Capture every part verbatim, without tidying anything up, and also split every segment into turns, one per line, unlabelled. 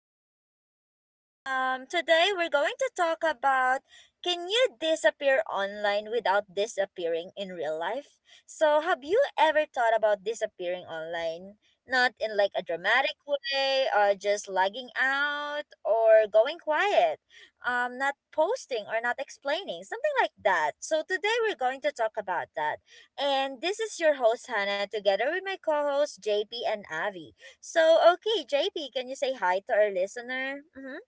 me. So t- um today we're going to talk about, can you disappear online without disappearing in real life? So have you ever thought about disappearing online? Not in like a dramatic way or just lagging out or going quiet. Um not posting or not explaining, something like that. So today we're going to talk about that. And this is your host, Hannah, together with my co hosts, J P and Avi. So, okay, J P, can you say hi to our listener? Mm-hmm.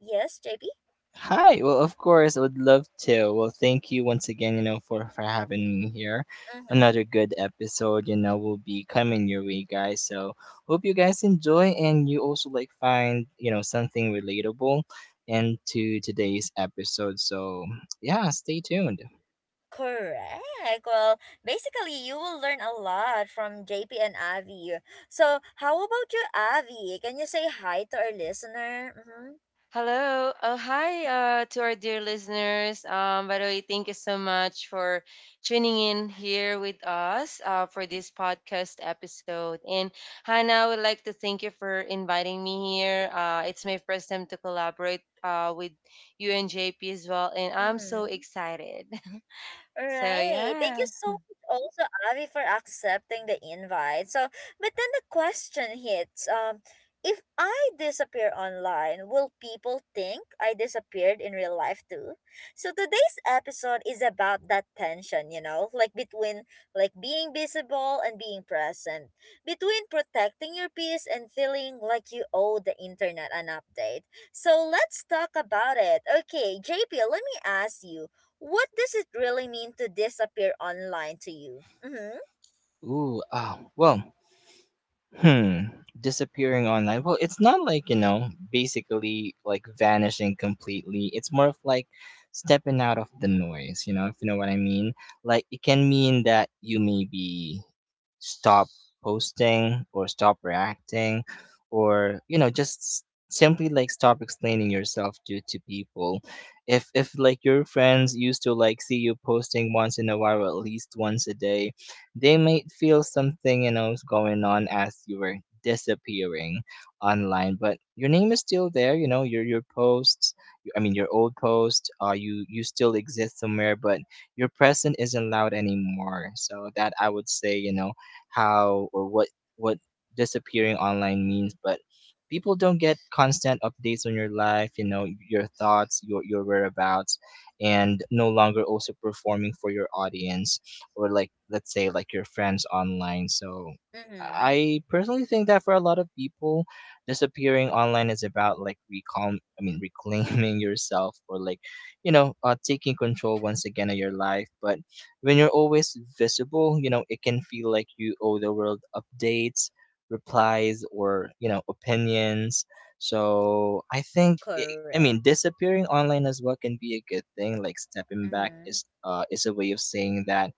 Yes, J P?
Hi. Well, of course, I would love to. Well, thank you once again, you know, for for having me here.
Mm-hmm.
Another good episode, you know, will be coming your way, guys. So hope you guys enjoy and you also like find, you know, something relatable into today's episode. So yeah, stay tuned.
Correct. Well, basically, you will learn a lot from J P and Avi. So, how about you, Avi? Can you say hi to our listener? Mm-hmm.
Hello. Oh, hi uh, to our dear listeners. Um, by the way, thank you so much for tuning in here with us uh, for this podcast episode. And Hannah, I would like to thank you for inviting me here. Uh, it's my first time to collaborate uh, with you and J P as well. And I'm so
Mm-hmm.
excited.
All
So,
right. Thank you
yeah.
so much also, Avi, for accepting the invite. So, but then the question hits, um, if I disappear online, will people think I disappeared in real life too? So today's episode is about that tension, you know, like between like being visible and being present, between protecting your peace and feeling like you owe the internet an update. So let's talk about it. Okay, J P, let me ask you, what does it really mean to disappear online to you? Mm-hmm.
Ooh, ah, well, Hmm. Disappearing online. Well, it's not like, you know, basically like vanishing completely. It's more of like stepping out of the noise, you know, if you know what I mean. Like it can mean that you maybe stop posting or stop reacting or, you know, just s- simply like stop explaining yourself to to people. If if like your friends used to like see you posting once in a while or at least once a day, they might feel something, you know, is going on as you were disappearing online, but your name is still there, you know, your your posts, y- i mean your old post, uh you, you still exist somewhere, but your present isn't loud anymore. So that I would say, you know, how or what what disappearing online means. But people don't get constant updates on your life, you know, your thoughts, your your whereabouts, and no longer also performing for your audience, or like let's say like your friends online. So
Mm-hmm.
I personally think that for a lot of people, disappearing online is about like recall I mean reclaiming yourself, or like, you know, uh, taking control once again of your life. But when you're always visible, you know, it can feel like you owe the world updates, replies, or, you know, opinions. So I think it, I mean
Correct.
disappearing online as well can be a good thing. Like stepping back
Mm-hmm.
is uh is a way of saying that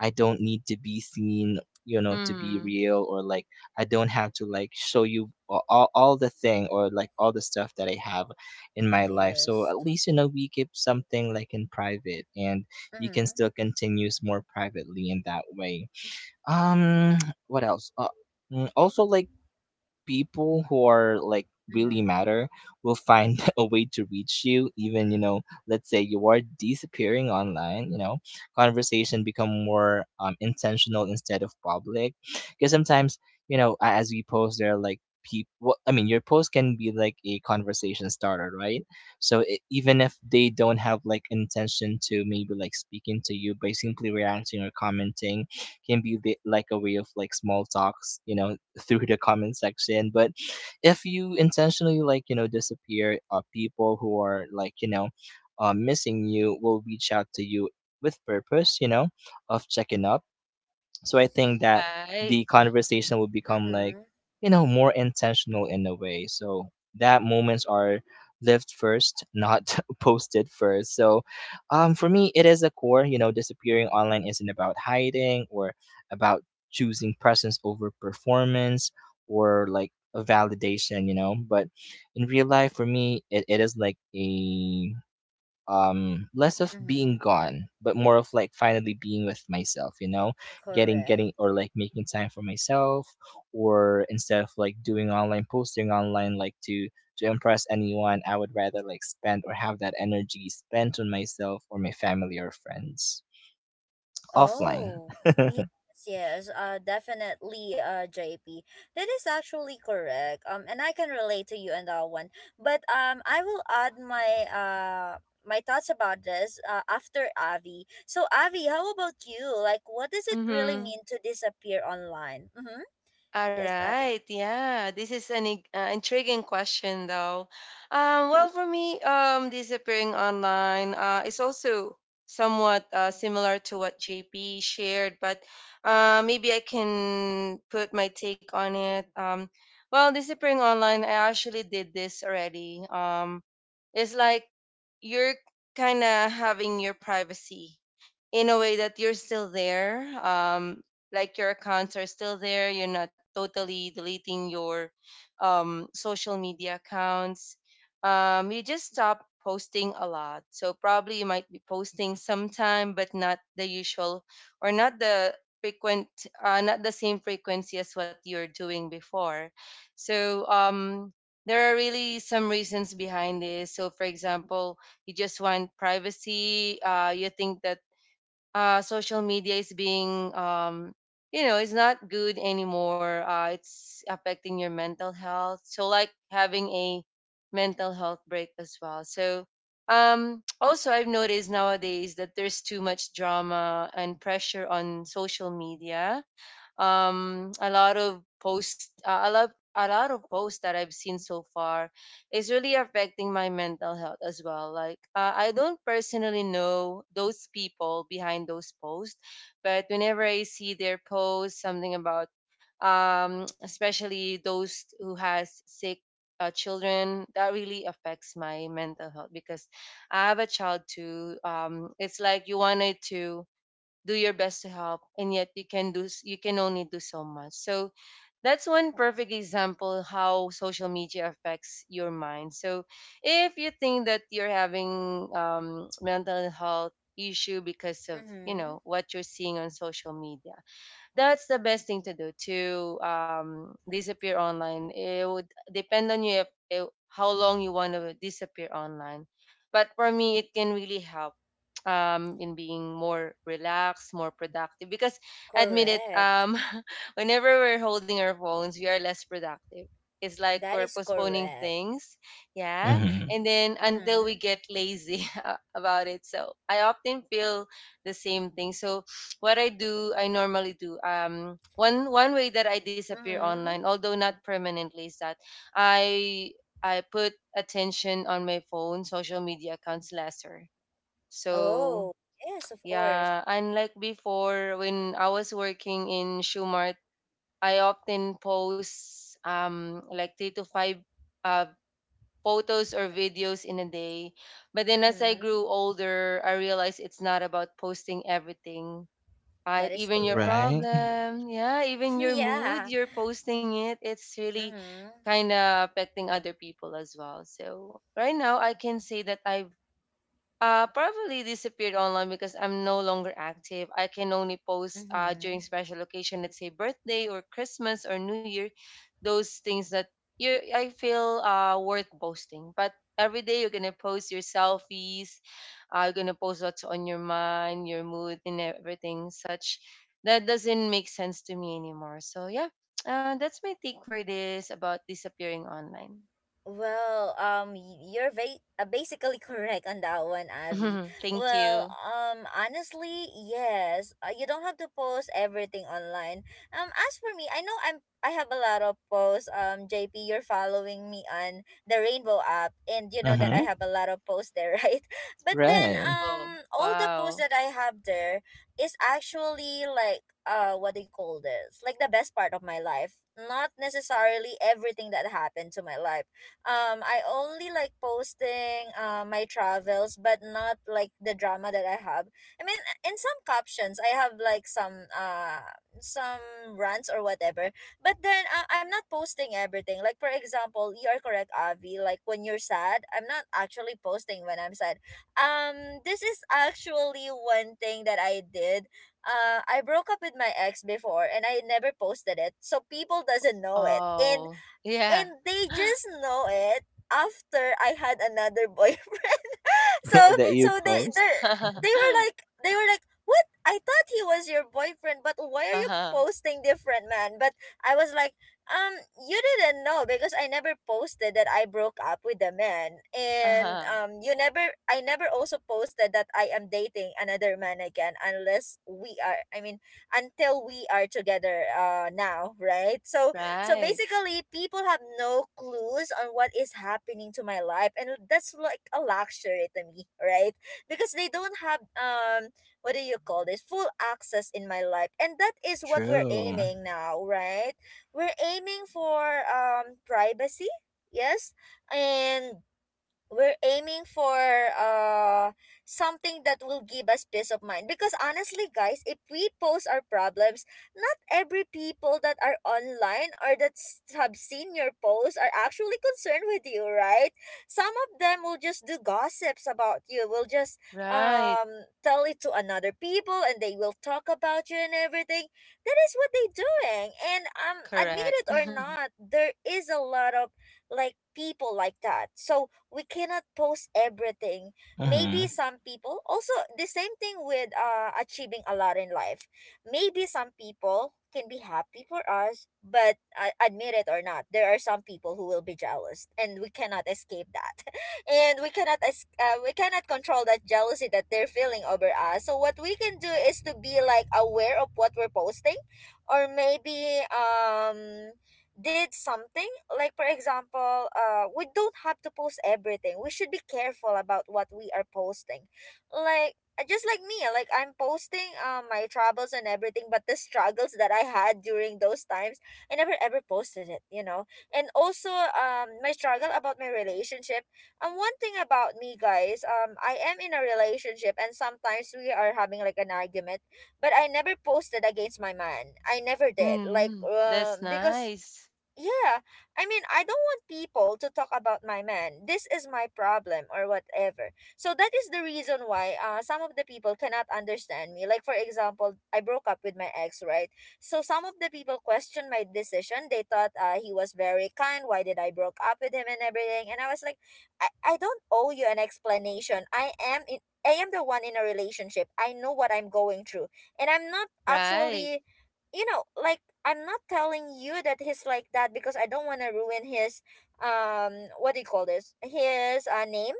I don't need to be seen, you know, to be
Hmm.
real, or like I don't have to like show you a- all, all the thing, or like all the stuff that I have in my life. So
Yes.
at least, you know, we keep something like in private, and you can
Mm-hmm.
still continues more privately in that way. Um, what else? Uh, mm, also like people who are like really
Mm-hmm.
matter will find a way to reach you, even, you know, let's say you are disappearing online. You know, conversation become more um, intentional instead of public, because sometimes, you know, a- as we post, there are like people, I mean, your post can be like a conversation starter, right? So i even if they don't have like intention to maybe like speaking to you, by simply reacting or commenting can be the, like a way of like small talks, you know, through the comment section. But if you intentionally like, you know, disappear, uh, people who are, like, you know, uh, missing you will reach out to you with purpose, you know, of checking up. So I think that
Right.
the conversation will become like,
Mm-hmm.
you know, more intentional in a way. So that moments are lived first, not posted first. So, um, for me, it is a core, you know, disappearing online isn't about hiding, or about choosing presence over performance, or like a validation, you know. But in real life, for me, it, it is like a, um, less of being
Mm-hmm.
gone, but more of like finally being with myself, you know, getting getting
Correct.
or like making time for myself, or instead of like doing online posting online like to to impress anyone. I would rather like spend or have that energy spent on myself or my family or friends offline.
Oh, yes, yes, uh, definitely, uh, J P. That is actually correct. Um, and I can relate to you on that one. But um, I will add my uh my thoughts about this uh, after Avi. So Avi, how about you? Like, what does it really
Mm-hmm.
mean to disappear online? Mm-hmm.
All
Yes, Avi.
right. Yeah, this is an ig- uh, intriguing question, though. Um, well, for me, um, disappearing online uh, is also somewhat uh, similar to what J P shared, but uh, maybe I can put my take on it. Um, well, disappearing online, I actually did this already. Um, it's like you're kind of having your privacy in a way that you're still there, um like your accounts are still there, you're not totally deleting your um social media accounts. Um you just stop posting a lot, so probably you might be posting sometime, but not the usual, or not the frequent, uh, not the same frequency as what you're doing before. So um there are really some reasons behind this. So for example, you just want privacy. Uh you think that uh, social media is being, um, you know it's not good anymore, uh, it's affecting your mental health, so like having a mental health break as well. So um, also, I've noticed nowadays that there's too much drama and pressure on social media. um a lot of posts uh, a lot a lot of posts that I've seen so far is really affecting my mental health as well. Like uh, I don't personally know those people behind those posts, but whenever I see their posts, something about, um especially those who has sick, uh, children, that really affects my mental health because I have a child too. Um, it's like you wanted to do your best to help, and yet you can do s- you can only do so much. So that's one perfect example how social media affects your mind. So if you think that you're having, um, mental health issue because of you
Mm-hmm.
know what you're seeing on social media, that's the best thing to do, to um, disappear online. It would depend on you if, if, how long you want to disappear online. But for me, it can really help um, in being more relaxed, more productive. Because, admit it,
Correct.
um, whenever we're holding our phones, we are less productive. It's like
That
we're
is
postponing
correct.
things, yeah,
Mm-hmm.
and then until
Mm-hmm.
we get lazy about it. So I often feel the same thing. So what I do, I normally do. Um, one one way that I disappear
Mm-hmm.
online, although not permanently, is that I I put attention on my phone, social media accounts lesser. So
Oh, yes, of course.
yeah, unlike before when I was working in Schumart, I often post um like three to five uh photos or videos in a day. But then as I
Mm-hmm.
grew older, I realized it's not about posting everything.
That
Right,
is
even your
Right.
correct.
problem, yeah, even your mood,
Yeah.
you're posting it. It's really
Mhm.
kind of affecting other people as well. So right now, I can say that I uh, probably disappeared online because I'm no longer active. I can only post uh, during
Mhm.
special occasion, let's say birthday or Christmas or New Year, those things that you I feel uh, worth posting. But every day you're gonna post your selfies, uh, you're gonna post what's on your mind, your mood, and everything such. That doesn't make sense to me anymore. So yeah, uh, that's my take for this about disappearing online.
Well, um, y- you're va- uh, basically correct on that one, Avi.
Thank
Well,
you.
um, honestly, yes. Uh, you don't have to post everything online. Um, as for me, I know I'm I have a lot of posts. Um, J P, you're following me on the Rainbow app, and you know that
Mm-hmm.
I have a lot of posts there, right? But then,
Right.
Oh,
um, all the posts
wow.
that I have there is actually like uh, what do you call this? Like the best part of my life. Not necessarily everything that happened to my life. um I only like posting uh, my travels, but not like the drama that I have. I mean, in some captions I have like some uh some rants or whatever. But then uh, I'm not posting everything. Like for example, you are correct, Avi, like when you're sad, I'm not actually posting when I'm sad. Um this is actually one thing that I did. uh, I broke up with my ex before and I never posted it. So people doesn't know it. In
Oh, yeah.
And they just know it after I had another boyfriend. so
That you
so they
post.
they they were like, they were like what I thought he was your boyfriend, but why are you
Uh-huh.
posting different man? But I was like, um, you didn't know because I never posted that I broke up with the man, and
Uh-huh.
um, you never, I never also posted that I am dating another man again unless we are, I mean, until we are together, uh, now, right? So so
Right.
basically, people have no clues on what is happening to my life, and that's like a luxury to me, right? Because they don't have um, what do you call this? Full access in my life, and that is what we're
True.
aiming now, right? We're aiming for um privacy, yes, and we're aiming for uh something that will give us peace of mind, because honestly guys, if we post our problems, not every people that are online or that s- have seen your post are actually concerned with you, right? Some of them will just do gossips about you, will just
Right.
um tell it to another people, and they will talk about you and everything. That is what they doing, and um admit
Correct.
it or not, there is a lot of like people like that. So we cannot post everything. Maybe
Mm-hmm.
some people also the same thing with uh achieving a lot in life. Maybe some people can be happy for us, but uh, admit it or not, there are some people who will be jealous, and we cannot escape that, and we cannot es- uh, we cannot control that jealousy that they're feeling over us. So what we can do is to be like aware of what we're posting, or maybe um did something. Like for example, uh we don't have to post everything. We should be careful about what we are posting. Like uh, just like me, like I'm posting uh my troubles and everything, but the struggles that I had during those times, I never ever posted it, you know. And also um my struggle about my relationship. And one thing about me guys, um I am in a relationship, and sometimes we are having like an argument, but I never posted against my man. I never did. Like,
Mm-hmm.
uh
That's
because
nice.
yeah, I mean, I don't want people to talk about my man. This is my problem or whatever. So that is the reason why uh some of the people cannot understand me. Like for example, I broke up with my ex, right? So some of the people questioned my decision. They thought uh he was very kind. Why did I broke up with him and everything? And I was like, I, I don't owe you an explanation. I am in I am the one in a relationship. I know what I'm going through. And I'm not
Right.
actually, you know, like, I'm not telling you that he's like that because I don't want to ruin his um what do you call this, his uh, name,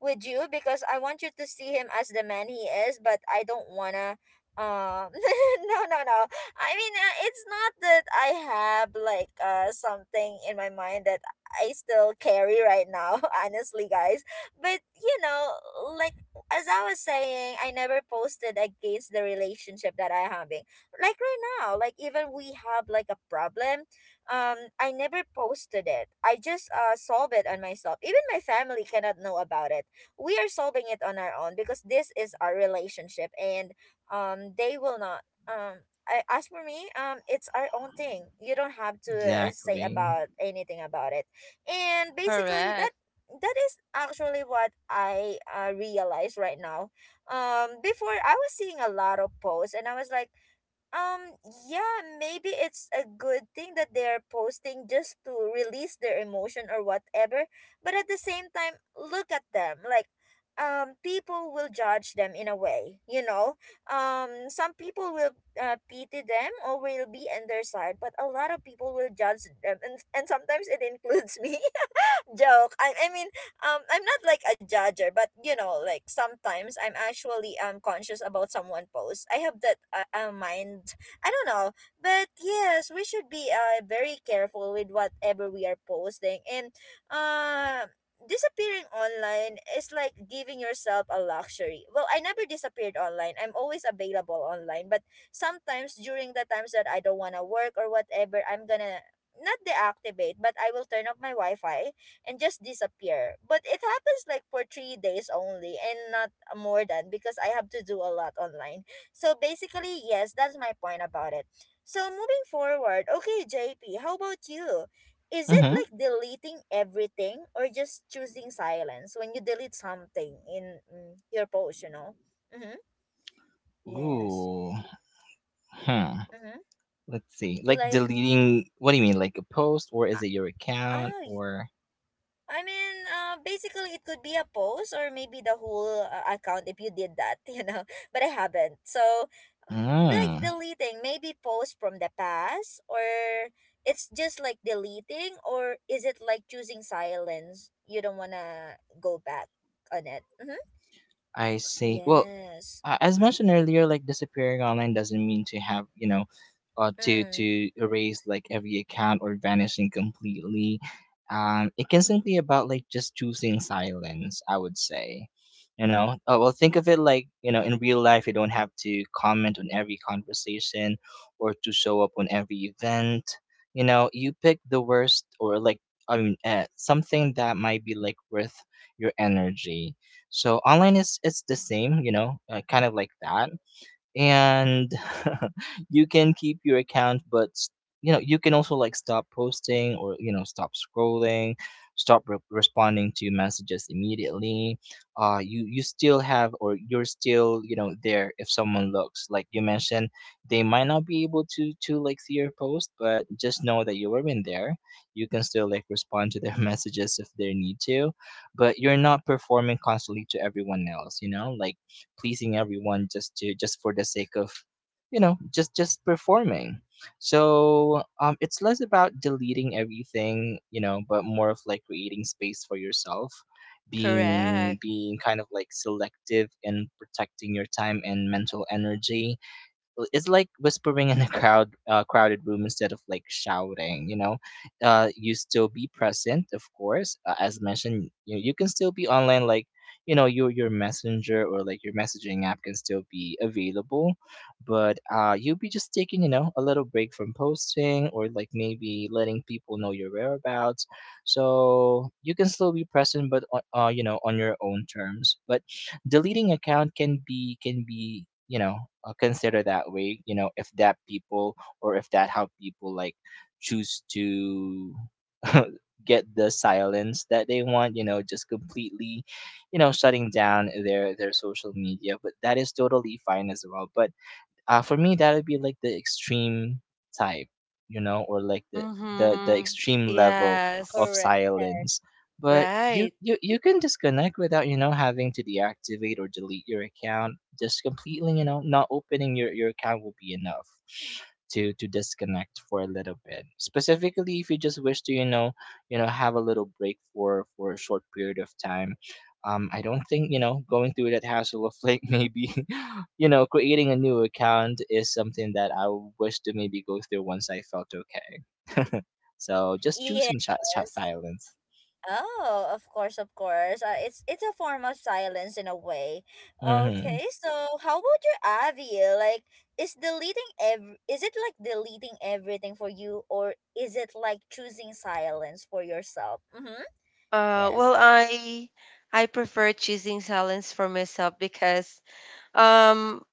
with you, because I want you to see him as the man he is, but I don't wanna um no, no, no. I mean, uh, it's not that I have like uh something in my mind that I still carry right now. Honestly guys, but you know, like, as I was saying, I never posted against the relationship that I having. Like right now, like even we have like a problem, um I never posted it, I just uh solve it on myself. Even my family cannot know about it. We are solving it on our own because this is our relationship, and um they will not um I, as for me, um it's our own thing. You don't have to uh, say
Exactly.
about anything about it. And basically
Correct.
that that is actually what I uh, realize right now. Um before, I was seeing a lot of posts and I was like, um, yeah, maybe it's a good thing that they are posting just to release their emotion or whatever. But at the same time, look at them. Like, um, people will judge them in a way, you know? Um, some people will uh, pity them or will be on their side, but a lot of people will judge them. And, and sometimes it includes me. Joke. I I mean, um, I'm not like a judger, but you know, like sometimes I'm actually um conscious about someone posts. I have that uh, uh, mind. I don't know, but yes, we should be uh very careful with whatever we are posting. And uh disappearing online is like giving yourself a luxury. Well, I never disappeared online, I'm always available online, but sometimes during the times that I don't want to work or whatever, I'm gonna not deactivate, but I will turn off my wi-fi and just disappear. But it happens like for three days only and not more than, because I have to do a lot online. So basically, yes, that's my point about it. So moving forward, okay, J P, how about you? Is it
Mm-hmm.
like deleting everything or just choosing silence when you delete something in mm, your post, you know? Mm-hmm. Yes.
ooh hmm
Mm-hmm.
Let's see. Like
Like,
deleting, what do you mean? Like a post, or is
ah,
it your account,
ah,
or…
I mean, uh, basically, it could be a post or maybe the whole uh, account if you did that, you know. But I haven't. So, mm, like
Mm,
deleting, maybe post from the past, or it's just like deleting, or is it like choosing silence? You don't want to go back on it. Mm-hmm.
I see. Well,
Yes.
uh, as mentioned earlier, like disappearing online doesn't mean to have, you know, uh, to
Mm,
to erase like every account or vanishing completely. Um, it can simply about like just choosing silence, I would say, you know. uh, well, think of it like, you know, in real life, you don't have to comment on every conversation or to show up on every event. You know, you pick the worst, or like, I mean, uh, something that might be like worth your energy. So online is it's the same, you know, uh, kind of like that, and you can keep your account, but s- you know, you can also like stop posting, or you know, stop scrolling, stop re- responding to messages immediately. uh you, you still have, or you're still, you know, there. If someone looks, like you mentioned, they might not be able to to like see your post, but just know that you were in there. You can still like respond to their messages if they need to. But you're not performing constantly to everyone else, you know, like pleasing everyone just to just for the sake of, you know, just just performing. So, um, it's less about deleting everything, you know, but more of like creating space for yourself, being
Correct.
being kind of like selective in protecting your time and mental energy. It's like whispering in a crowd uh, crowded room instead of like shouting, you know. uh you still be present, of course. uh, as mentioned, you you can still be online like, you know, your your messenger or like your messaging app can still be available. But uh you'll be just taking, you know, a little break from posting, or like maybe letting people know your whereabouts. So you can still be present, but on- uh you know, on your own terms. But deleting account can be, can be you know, uh, considered that way, you know, if that people, or if that how people like choose to get the silence that they want, you know, just completely, you know, shutting down their their social media. But that is totally fine as well. But uh, for me, that would be like the extreme type, you know, or like the the, the
Mm-hmm.
extreme level of
Yes.
correct.
silence. But
Right.
you, you you can disconnect without, you know, having to deactivate or delete your account. Just completely, you know, not opening your your account will be enough to to disconnect for a little bit, specifically if you just wish to, you know, you know have a little break for for a short period of time. Um, I don't think, you know, going through that hassle of like maybe, you know, creating a new account is something that I wish to maybe go through once I felt okay. So just choosing chat, chat
Yes.
silence.
Oh, of course, of course. Uh, it's it's a form of silence in a way.
Mm-hmm.
Okay, so how about your Avi? Like, is deleting ev- is it like deleting everything for you, or is it like choosing silence for yourself? Mm-hmm.
Uh,
Yes.
well,
Uh,
I I prefer choosing silence for myself because um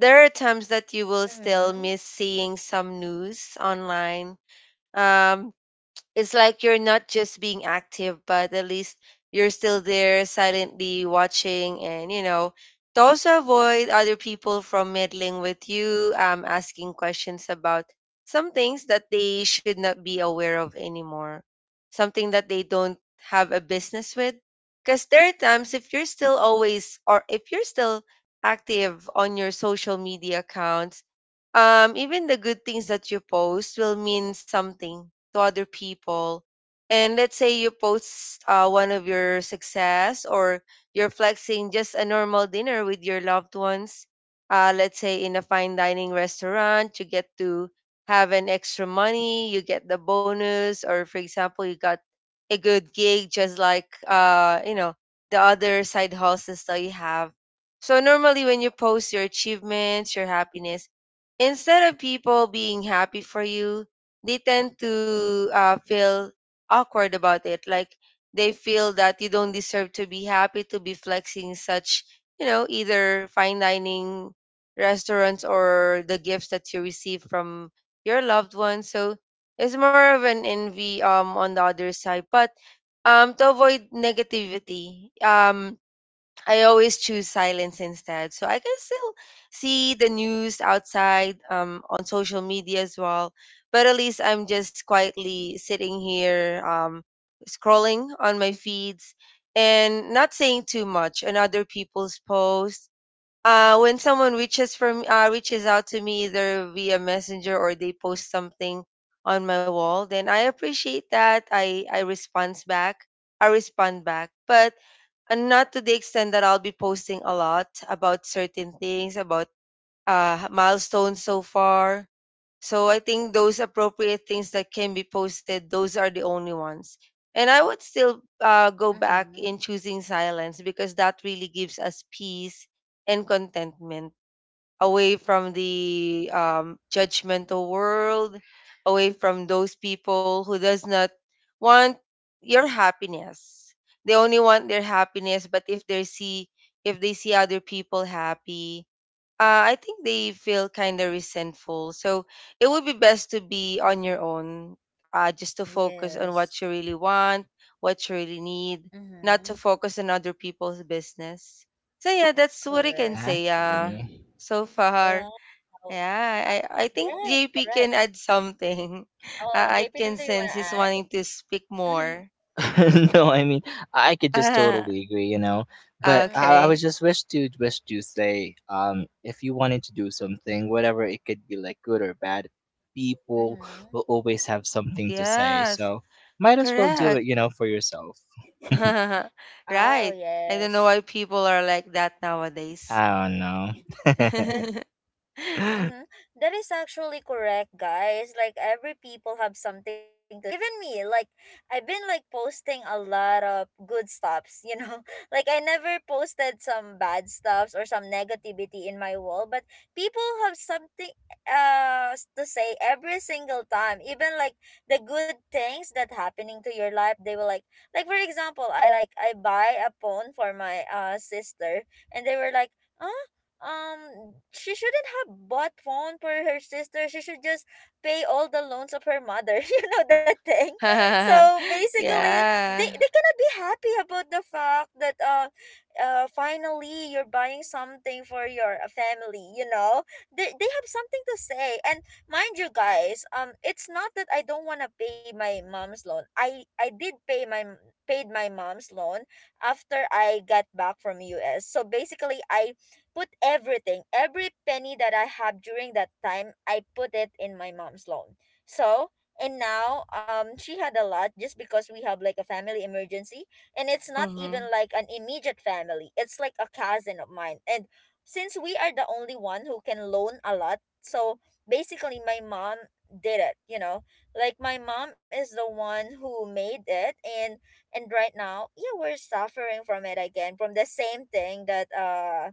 there are times that you will still
mm-hmm.
miss seeing some news online. Um, it's like you're not just being active, but at least you're still there silently watching, and, you know, to also avoid other people from meddling with you, um, asking questions about some things that they should not be aware of anymore, something that they don't have a business with. Because there are times if you're still always, or if you're still active on your social media accounts, um, even the good things that you post will mean something to other people. And let's say you post uh, one of your success, or you're flexing just a normal dinner with your loved ones. Uh, let's say in a fine dining restaurant, you get to have an extra money, you get the bonus, or for example, you got a good gig, just like uh, you know, the other side hustles that you have. So normally when you post your achievements, your happiness, instead of people being happy for you, they tend to, uh, feel awkward about it. Like they feel that you don't deserve to be happy, to be flexing such, you know, either fine dining restaurants or the gifts that you receive from your loved ones. So it's more of an envy um on the other side. But um to avoid negativity, um I always choose silence instead. So I can still see the news outside, um, on social media as well. But at least I'm just quietly sitting here, um, scrolling on my feeds and not saying too much on other people's posts. Uh, when someone reaches from uh, reaches out to me either via messenger, or they post something on my wall, then I appreciate that. I I responds back. I respond back. But and not to the extent that I'll be posting a lot about certain things, about uh, milestones so far. So I think those appropriate things that can be posted, those are the only ones. And I would still uh, go back
Mm-hmm.
in choosing silence because that really gives us peace and contentment, away from the um, judgmental world, away from those people who does not want your happiness. They only want their happiness, but if they see if they see other people happy, uh, I think they feel kind of resentful. So it would be best to be on your own, uh, just to focus on
Yes.
what you really want, what you really need, not
Mm-hmm.
to focus on other people's business. So yeah, that's what I can
Correct.
say. Uh,
Exactly.
so far,
Wow.
yeah,
Uh,
I, I think
yes,
J P
correct.
can add something.
Oh,
Uh, I
J P, do
can
you want
sense
to
he's
add?
wanting to speak
Mm-hmm.
more.
No, I mean, I could just totally agree, you know.
Ah,
But I, I was
okay.
just wish to wish to say, um, if you wanted to do something, whatever it could be, like good or bad, people
Mm-hmm.
will always have something to say.
Yes.
So might as well do
Correct.
it, you know, for yourself.
Oh,
Right. I don't know
yes.
why people are like that nowadays.
I don't know.
Mm-hmm. That is actually correct, guys. Like every people have something to say. Even me, like I've been like posting a lot of good stuffs, you know. Like I never posted some bad stuffs or some negativity in my wall, but people have something uh s- to say every single time. Even like the good things that happening to your life, they will like like for example, I like I buy a phone for my uh sister and they were like ah um she shouldn't have bought phone for her sister, she should just pay all the loans of her mother. You know that thing. So basically they,
Yeah.
they cannot be happy about the fact that uh, uh finally you're buying something for your uh, family, you know. They, they have something to say. And mind you guys, um it's not that I don't want to pay my mom's loan. I i did pay my paid my mom's loan after I got back from US. So basically I put everything, every penny that I have during that time, I put it in my mom's loan. So, and now um she had a lot just because we have like a family emergency, and it's not even
Mm-hmm.
like an immediate family. It's like a cousin of mine. And since we are the only one who can loan a lot, so basically my mom did it, you know. Like my mom is the one who made it, and and right now, yeah, we're suffering from it again from the same thing that uh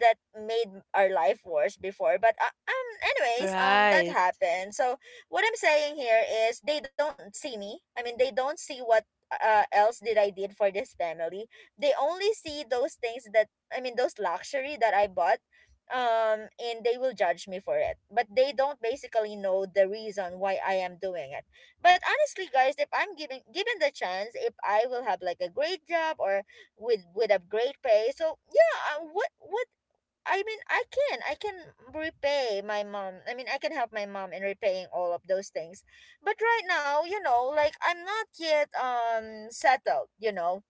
that made our life worse before, but uh, um anyways, um that
Right.
happened. So what I'm saying here is they don't see me, I mean they don't see what uh, else did I did for this family. They only see those things that, I mean those luxury that I bought, um and they will judge me for it, but they don't basically know the reason why I am doing it. But honestly guys, if I'm given given the chance, if I will have like a great job or with with a great pay, so yeah, uh, what what I mean, I can I can repay my mom. I mean, I can help my mom in repaying all of those things. But right now, you know, like I'm not yet um settled, you know.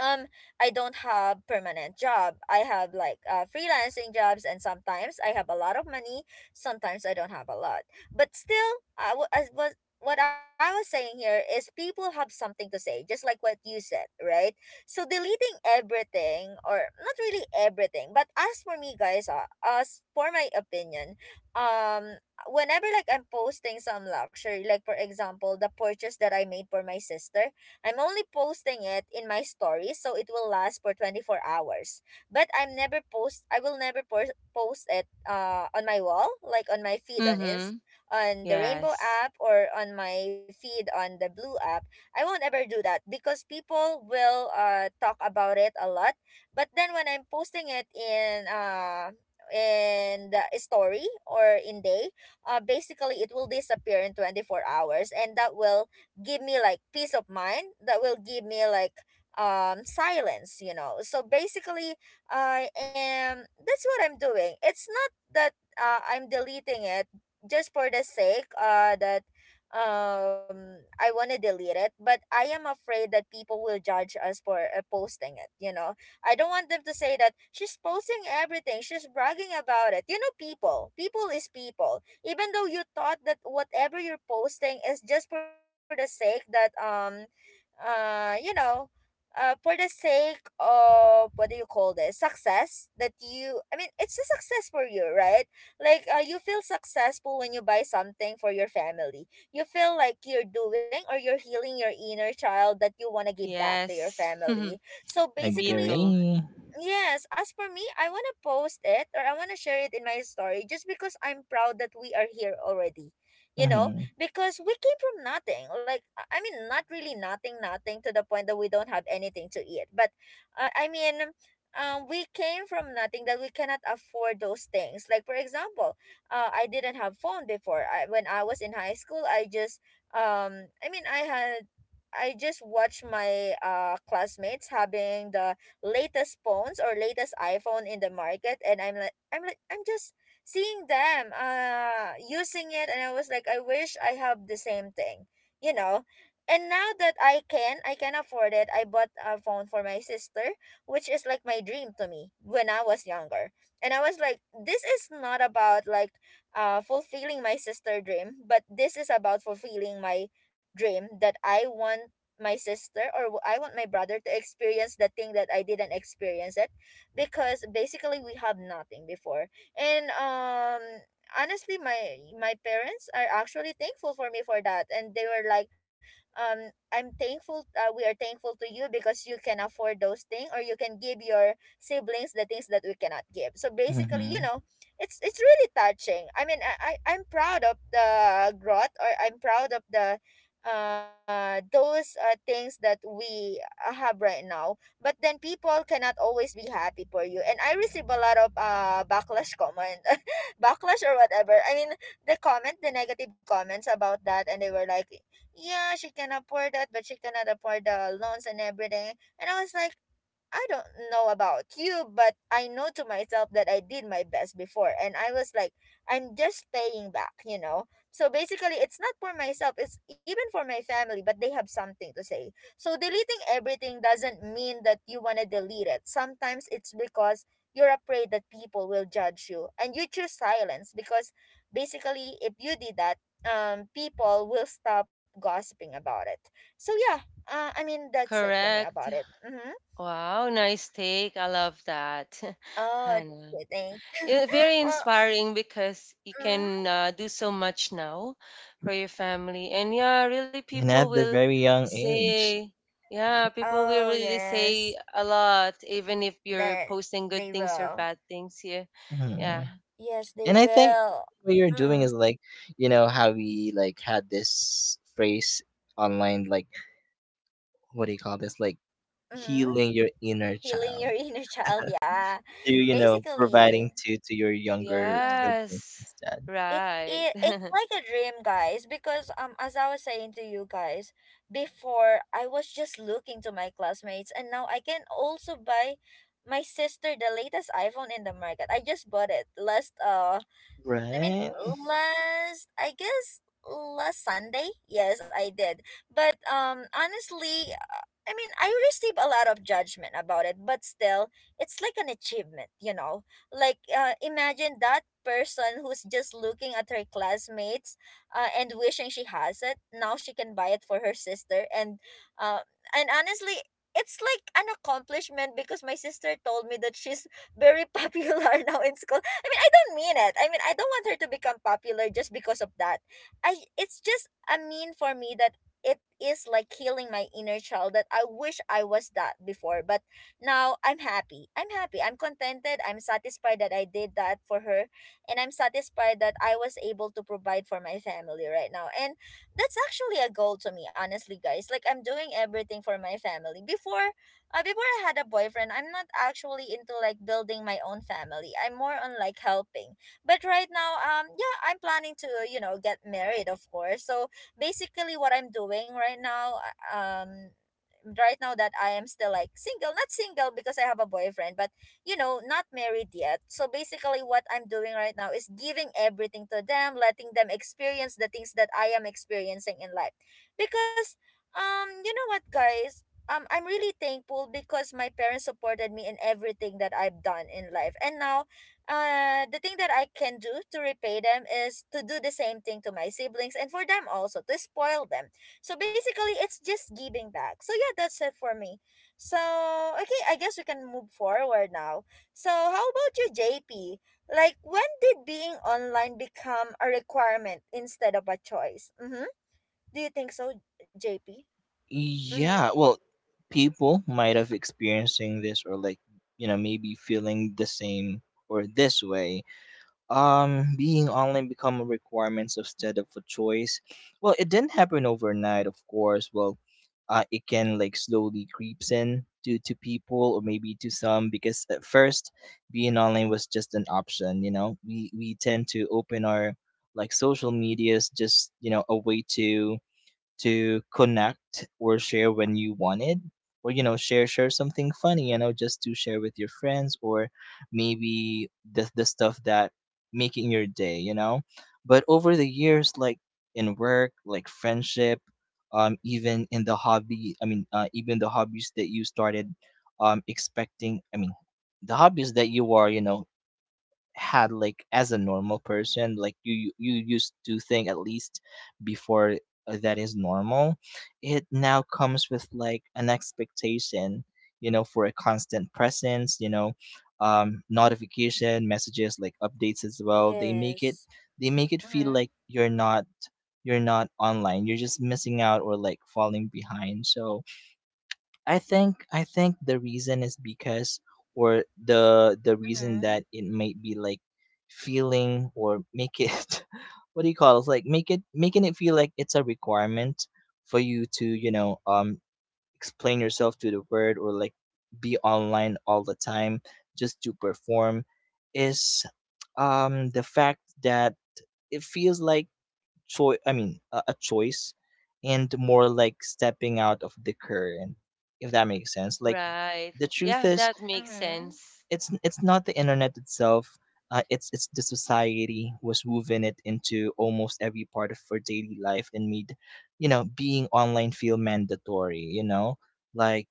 um I don't have permanent job. I have like uh, freelancing jobs, and sometimes I have a lot of money, sometimes I don't have a lot. But still, I w- as was what I was saying here is people have something to say, just like what you said, right? So deleting everything, or not really everything, but as for me guys, uh, as for my opinion, um whenever like I'm posting some luxury, like for example, the purchase that I made for my sister, I'm only posting it in my stories, so it will last for twenty-four hours. But I'm never post I will never por- post it uh on my wall, like on my feed on ins,
Mm-hmm.
on the Rainbow
Yes.
app, or on my feed on the Blue app. I won't ever do that because people will uh talk about it a lot. But then when I'm posting it in uh in the story or in day, uh, basically it will disappear in twenty-four hours, and that will give me like peace of mind, that will give me like um silence, you know. So basically I am, that's what I'm doing. It's not that uh, I'm deleting it just for the sake uh that um I want to delete it, but I am afraid that people will judge us for uh, posting it, you know. I don't want them to say that she's posting everything, she's bragging about it, you know. People people is people. Even though you thought that whatever you're posting is just for the sake that um uh you know, uh for the sake of, what do you call this, success that you, I mean it's a success for you, right? Like uh, you feel successful when you buy something for your family. You feel like you're doing, or you're healing your inner child, that you want to give back to your
Yes.
family. So
Me
basically,
too.
Agree.
yes, as for me, I want to post it, or I want to share it in my story just because I'm proud that we are here already. You know,
Mhm.
because we came from nothing. Like, I I mean, not really nothing, nothing to the point that we don't have anything to eat. But, uh, I mean, um, we came from nothing that we cannot afford those things. Like, for example, uh, I didn't have phone before. I, when I was in high school, I just, um, I mean, I had, I just watched my uh, classmates having the latest phones or latest iPhone in the market, and I'm like I'm like I'm just seeing them uh using it, and I was like, I wish I have the same thing, you know. And now that I can, I can afford it. I bought a phone for my sister, which is like my dream to me when I was younger. And I was like, this is not about like uh fulfilling my sister dream, but this is about fulfilling my dream that I want my sister or w- I want my brother to experience the thing that I didn't experience it, because basically we have nothing before. And um honestly, my my parents are actually thankful for me for that, and they were like, um I'm thankful, uh, we are thankful to you because you can afford those things, or you can give your siblings the things that we cannot give. So basically, you
Mhm,
know, it's it's really touching. I mean, I, I I'm proud of the growth, or I'm proud of the uh those uh, things that we uh, have right now. But then people cannot always be happy for you, and I receive a lot of uh backlash comment, backlash or whatever, I mean the comment, the negative comments about that, and they were like, yeah, she can afford that but she cannot afford the loans and everything. And I was like, I don't know about you, but I know to myself that I did my best before. And I was like, I'm just paying back, you know? So basically, it's not for myself, it's even for my family, but they have something to say. So deleting everything doesn't mean that you want to delete it. Sometimes it's because you're afraid that people will judge you, and you choose silence because basically, if you did that, um, people will stop gossiping about it. So, yeah, uh, I mean, that's it for me about
Correct.
it. Mm hmm.
Wow, nice take. I love that.
Oh,
Hannah.
they they-
Yeah, very
Well,
inspiring because you can
mm,
uh, do so much now for your family. And yeah, really,
and
people
at the
will
very young age.
say, yeah, people will
oh
really say
yes,
a lot, even if you're
that
posting good
they
things or
will.
bad things. Yeah. Yeah.
Mhm,
Yes, they
and I think
will.
what you're doing is
Mm,
like, you know, how we like had this phrase online, like, what do you call this? Like,
mm-hmm.
healing your inner
Healing your
child,
inner child, yeah.
to, you know,
Basically,
providing to to your younger
mm.
siblings
Yes.
instead.
It,
Right.
it it's like a dream, guys, because um as I was saying to you guys, before I was just looking to my classmates, and now I can also buy my sister the latest iPhone in the market. I just bought it last uh I mean,
Right?
last I guess last Sunday. Yes, I did. But um, honestly, uh, I mean, I received a lot of judgment about it. But still, it's like an achievement, you know. Like, uh, imagine that person who's just looking at her classmates, uh, and wishing she has it. Now she can buy it for her sister, and uh, and honestly, it's like an accomplishment because my sister told me that she's very popular now in school. I mean, I don't mean it. I mean, I don't want her to become popular just because of that. I it's just a mean for me that it is like healing my inner child, that I wish I was that before. But now I'm happy. I'm happy. I'm contented. I'm satisfied that I did that for her. And I'm satisfied that I was able to provide for my family right now. And that's actually a goal to me, honestly, guys. Like I'm doing everything for my family. Before uh, before I had a boyfriend, I'm not actually into like building my own family. I'm more on like helping. But right now, um, yeah, I'm planning to, you know, get married, of course. So basically, what I'm doing right now, uh, um. Right now that I am still like single, not single because I have a boyfriend, but you know, not married yet. So basically, what I'm doing right now is giving everything to them, letting them experience the things that I am experiencing in life. Because, um, you know what, guys, um, I'm really thankful because my parents supported me in everything that I've done in life. And now, uh, the thing that I can do to repay them is to do the same thing to my siblings, and for them also to spoil them. So basically, it's just giving back. So yeah, that's it for me. So okay, I guess we can move forward now. So how about you, J P? Like, when did being online become a requirement instead of a choice? Mm-hmm. Do you think so, J P? Mm-hmm.
Yeah, well, people might have experiencing this, or like, you know, maybe feeling the same or this way. Um, being online become a requirements instead of a choice. Well, it didn't happen overnight, of course. Well, uh, it can like slowly creeps in to to people, or maybe to some, because at first being online was just an option. You know, we we tend to open our like social medias just, you know, a way to to connect or share when you wanted, or, you know, share share something funny, you know, just to share with your friends, or maybe the, the stuff that making your day, you know. But over the years, like, in work, like friendship, um, even in the hobby, i mean uh, even the hobbies that you started, um expecting I mean the hobbies that you are, you know, had like as a normal person, like you, you you used to think, at least before, uh, that is normal, it now comes with like an expectation, you know, for a constant presence, you know. Um, notification messages like updates as well, they make it
Yes.
they make it feel
Mm-hmm.
like you're not, you're not online, you're just missing out or like falling behind. So I think I think the reason is because, or the the reason
Mm-hmm.
that it might be like feeling, or make it what do you call it? Like make it making it feel like it's a requirement for you to, you know, um explain yourself to the world, or like be online all the time just to perform is um the fact that it feels like choice I mean a, a choice, and more like stepping out of the current, if that makes sense. Like
Right.
the truth
Yeah,
is
that makes
Mm-hmm.
sense.
it's it's not the internet itself, uh, it's it's the society was woven it into almost every part of our daily life and made, you know, being online feel mandatory, you know, like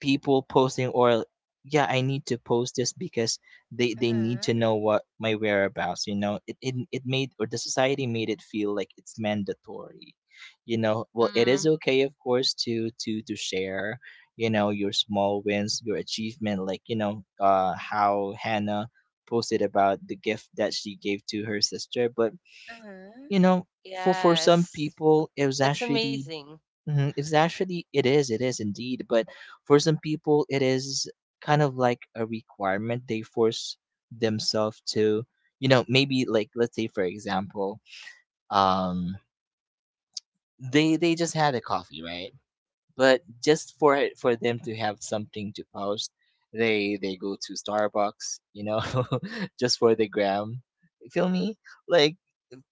people posting, or yeah, I need to post this because they they need to
Mm-hmm.
know what my whereabouts, you know. It, it it made, or the society made it feel like it's mandatory, you know. Well, it
Mm,
is okay, of course, to to to share, you know, your small wins, your achievement, like, you know, uh how Hannah posted about the gift that she gave to her sister. But,
Mm-hmm.
you know, for for some
yes.
people it was
That's
actually—
amazing.
hmm. It's actually, it is it is indeed, but for some people it is kind of like a requirement they force themselves to. You know, maybe like, let's say for example, um, they they just had a coffee, right? But just for it for them to have something to post, they they go to Starbucks, you know, just for the gram. You feel me? Like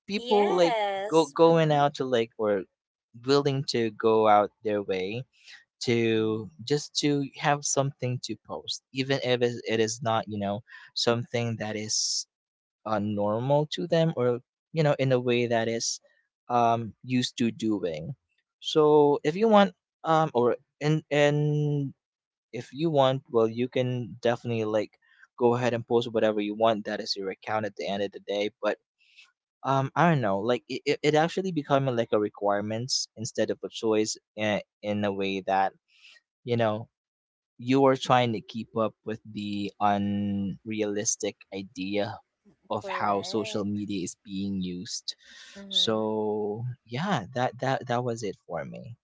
people like go
Yes,
going
mm-hmm.
out to, like, or willing to go out their way to just to have something to post, even if it it is not, you know, something that is uh, normal to them, or, you know, in a way that is um used to doing. So if you want um or and and if you want, well, you can definitely like go ahead and post whatever you want. That is your account at the end of the day. But um I don't know, like it, it it actually becoming like a requirements instead of a choice, in in a way that, you know, you are trying to keep up with the unrealistic idea of how social
Correct.
media is being used.
Mm-hmm.
So yeah, that that that was it for me.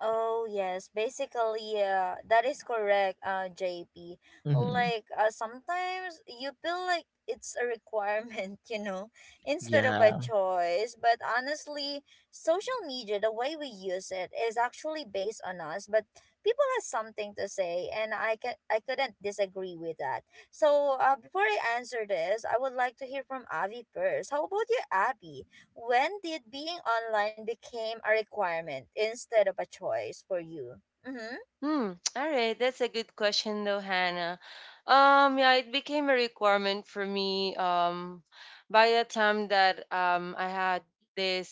Oh yes, basically, uh, that is correct, uh, J P.
Hmm.
Like, uh, sometimes you feel like it's a requirement, you know, instead of a
Yeah,
choice. But honestly, social media, the way we use it, is actually based on us. But people have something to say, and I can I couldn't disagree with that. So, uh, before I answer this, I would like to hear from Avi first. How about you, Abby? When did being online became a requirement instead of a choice for you? Mm-hmm.
Hmm. All right. That's a good question, though, Hannah. Um, yeah, it became a requirement for me. Um, by the time that um I had this,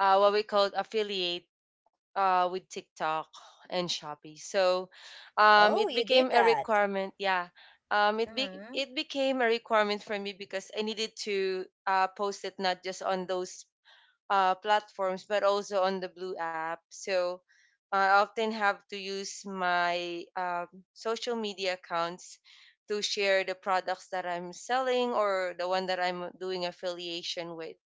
uh what we called affiliate uh with TikTok and Shopee, so um
Oh,
it
you did
became a
that.
requirement. Yeah. Um, it be
Mm-hmm.
it became a requirement for me because I needed to uh post it, not just on those uh, platforms, but also on the Blue app. So uh, I often have to use my um, social media accounts to share the products that I'm selling or the one that I'm doing affiliation with.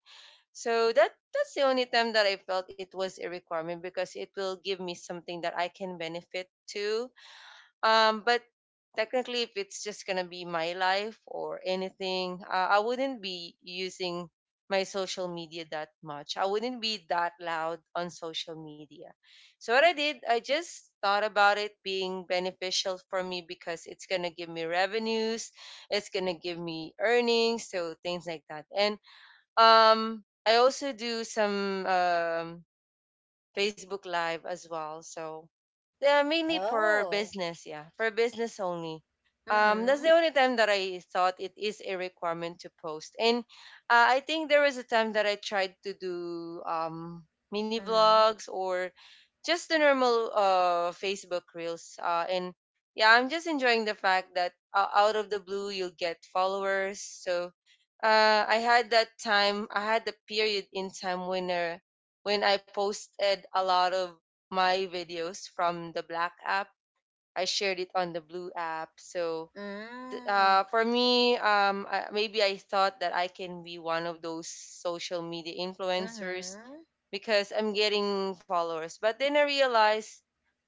So that that's the only time that I felt it was a requirement because it will give me something that I can benefit to, um, but technically, if it's just gonna be my life or anything, uh, I wouldn't be using my social media that much. I wouldn't be that loud on social media. So what I did, I just thought about it being beneficial for me because it's gonna give me revenues, it's gonna give me earnings, so things like that. And um, I also do some um, Facebook Live as well. So yeah, mainly for
Oh.
business, yeah. For business only. Um, that's the
Mm-hmm.
only time that I thought it is a requirement to post. And uh, I think there was a time that I tried to do um mini
Mm-hmm.
vlogs or just the normal uh Facebook reels. Uh, and yeah, I'm just enjoying the fact that uh, out of the blue you'll get followers. So uh, I had that time. I had the period in time when, uh, when I posted a lot of my videos from the black app. I shared it on the blue app. So th- uh, for me, um, I, maybe I thought that I can be one of those social media influencers
Mm-hmm.
because I'm getting followers. But then I realized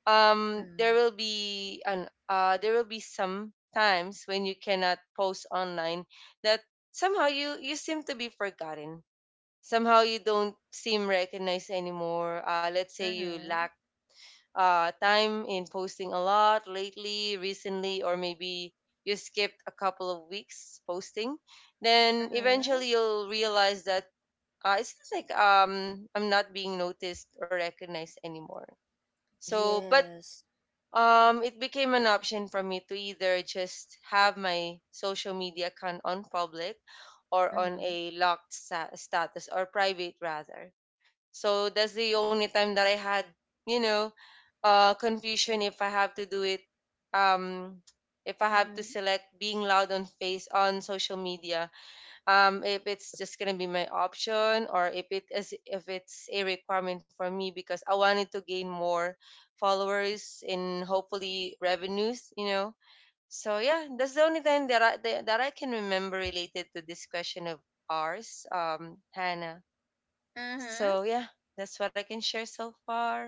um,
Mm-hmm.
there will be an uh, there will be some times when you cannot post online that somehow you you seem to be forgotten, somehow you don't seem recognized anymore. Uh, let's say you
Mm-hmm.
lack uh, time in posting a lot lately, recently, or maybe you skipped a couple of weeks posting, then
Mm-hmm.
eventually you'll realize that uh, it seems like um, I'm not being noticed or recognized anymore. So, but
Yes.
um, it became an option for me to either just have my social media account on public or on
Mm-hmm.
a locked sta- status, or private rather. So that's the only time that I had, you know, uh confusion if I have to do it, um if I have to
Mm-hmm.
select being loud on face on social media, um if it's just gonna be my option or if it is if it's a requirement for me, because I wanted to gain more followers and hopefully revenues, you know. So yeah, that's the only thing that I that, that I can remember related to this question of ours, um Hannah.
Mm-hmm.
So yeah, that's what I can share so far.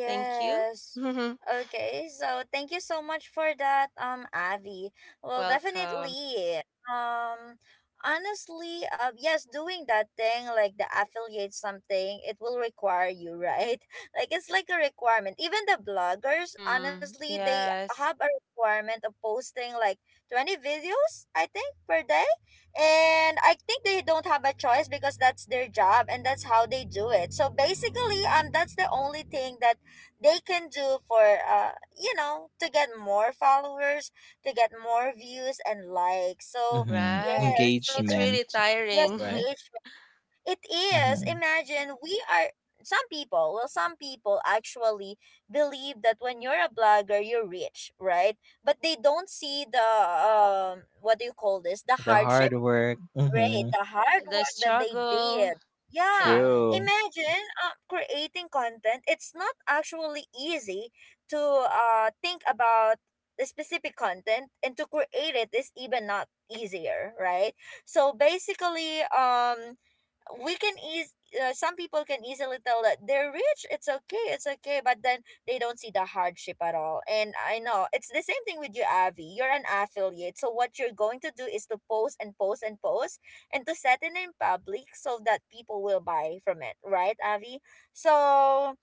Thank you.
Okay, so thank you so much for that, um, Avi. Well,
Welcome.
definitely. Um, honestly, uh, yes, doing that thing like the affiliate something, it will require you, right? Like, it's like a requirement. Even the bloggers,
Hmm.
honestly, they have
Yes.
a requirement of posting like twenty videos, I think, per day, and I think they don't have a choice because that's their job and that's how they do it. So basically, um, that's the only thing that they can do for, uh, you know, to get more followers, to get more views and likes. So
hmm,
Right.
yes, so
It's
that's
really
engagement,
yes,
tiring.
right?
engagement. It is.
Hmm.
Imagine we are some people. Well, some people actually believe that when you're a blogger, you're rich, right? But they don't see the, um, what do you call this? The
The
hardship.
hard work.
Right,
Hmm.
the
Uh,
hard
the
work that they
struggle.
did. Yeah,
Yeah.
True.
imagine uh, creating content. It's not actually easy to uh, think about the specific content, and to create it is even not easier, right? So basically, um, we can ease uh, some people can easily tell that they're rich. It's okay, it's okay, but then they don't see the hardship at all, and I know it's the same thing with you, Avi. You're an affiliate, so what you're going to do is to post and post and post and to set it in public so that people will buy from it, right, Avi? So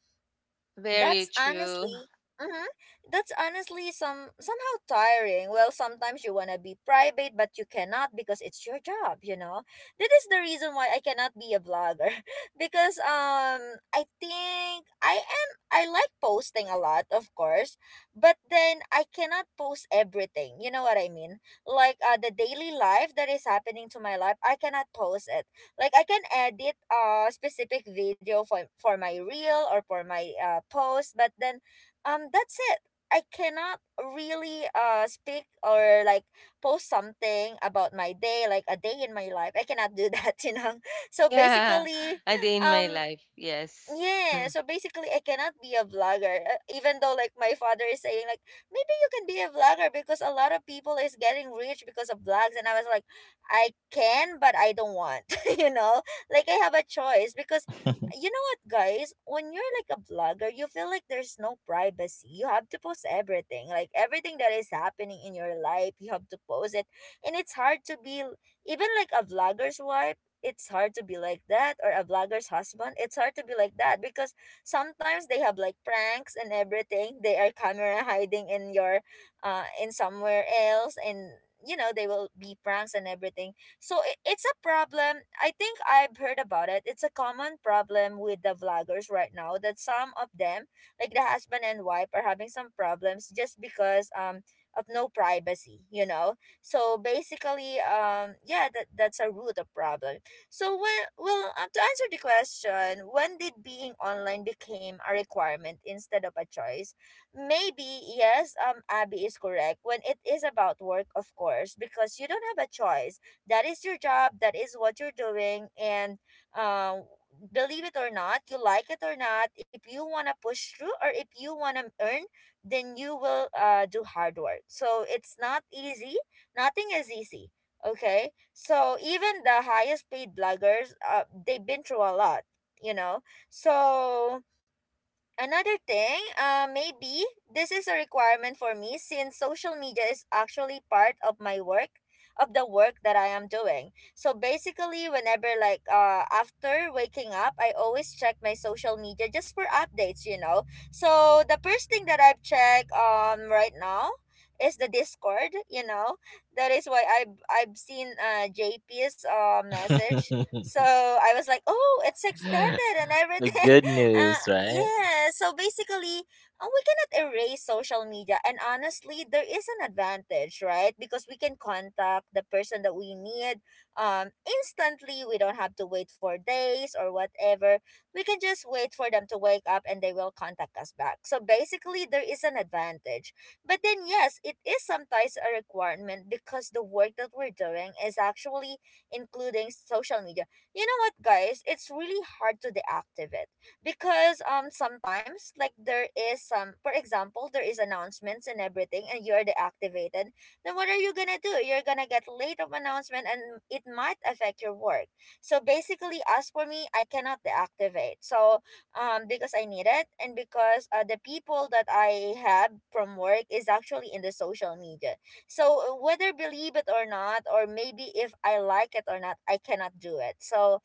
Very
that's
true.
honestly, mm-hmm, that's honestly some somehow tiring. Well, sometimes you wanna be private, but you cannot because it's your job. You know, that is the reason why I cannot be a vlogger, because um, I think I am. I like posting a lot, of course, but then I cannot post everything. You know what I mean? Like, uh, the daily life that is happening to my life, I cannot post it. Like, I can edit a specific video for for my reel or for my uh, post, but then um that's it. I cannot really uh speak or like post something about my day, like a day in my life. I cannot do that you know so
Yeah.
basically
A day in my
um
life. Yes.
yeah, so basically I cannot be a vlogger. uh, Even though like my father is saying like maybe you can be a vlogger because a lot of people is getting rich because of vlogs, and I was like, I can but I don't want. You know? Like, I have a choice because, you know what, guys, when you're like a vlogger, you feel like there's no privacy. You have to post everything. Like, everything that is happening in your life, you have to post it. And it's hard to be even like a vlogger's wife, it's hard to be like that, or a vlogger's husband, it's hard to be like that because sometimes they have like pranks and everything, they are camera hiding in your uh in somewhere else, and, you know, they will be pranks and everything. So i- it's a problem. I think I've heard about it, it's a common problem with the vloggers right now that some of them, like the husband and wife, are having some problems just because um of no privacy, you know. So basically, um yeah, that, that's a root of problem. So when well, um, to answer the question, when did being online became a requirement instead of a choice? Maybe yes, um, Abby is correct. When it is about work, of course, because you don't have a choice. That is your job. That is what you're doing, and um. believe it or not, you like it or not, if you want to push through or if you want to earn, then you will uh, do hard work. So it's not easy. Nothing is easy, okay, so even the highest paid bloggers, uh, they've been through a lot, you know. So, another thing, uh, maybe this is a requirement for me since social media is actually part of my work, of the work that I am doing. So basically, whenever like uh after waking up, I always check my social media just for updates. You know, so the first thing that I've checked um right now is the Discord. You know, that is why I've I've seen uh J P's uh message. So
The
I was like, oh, it's extended and everything.
good
uh,
news, right?
yeah, so basically, uh, we cannot erase social media. And honestly, there is an advantage, right? Because we can contact the person that we need um, instantly. We don't have to wait for days or whatever. We can just wait for them to wake up, and they will contact us back. So basically, there is an advantage. But then, yes, it is sometimes a requirement because the work that we're doing is actually including social media. You know what, guys, it's really hard to deactivate because um sometimes, like, there is some, for example, there is announcements and everything, and you are deactivated. Then what are you gonna do? You're gonna get late of announcement, and it might affect your work. So basically, as for me, I cannot deactivate. So um because I need it, and because uh, the people that I have from work is actually in the social media. So whether believe it or not, or maybe if I like it or not, I cannot do it. So,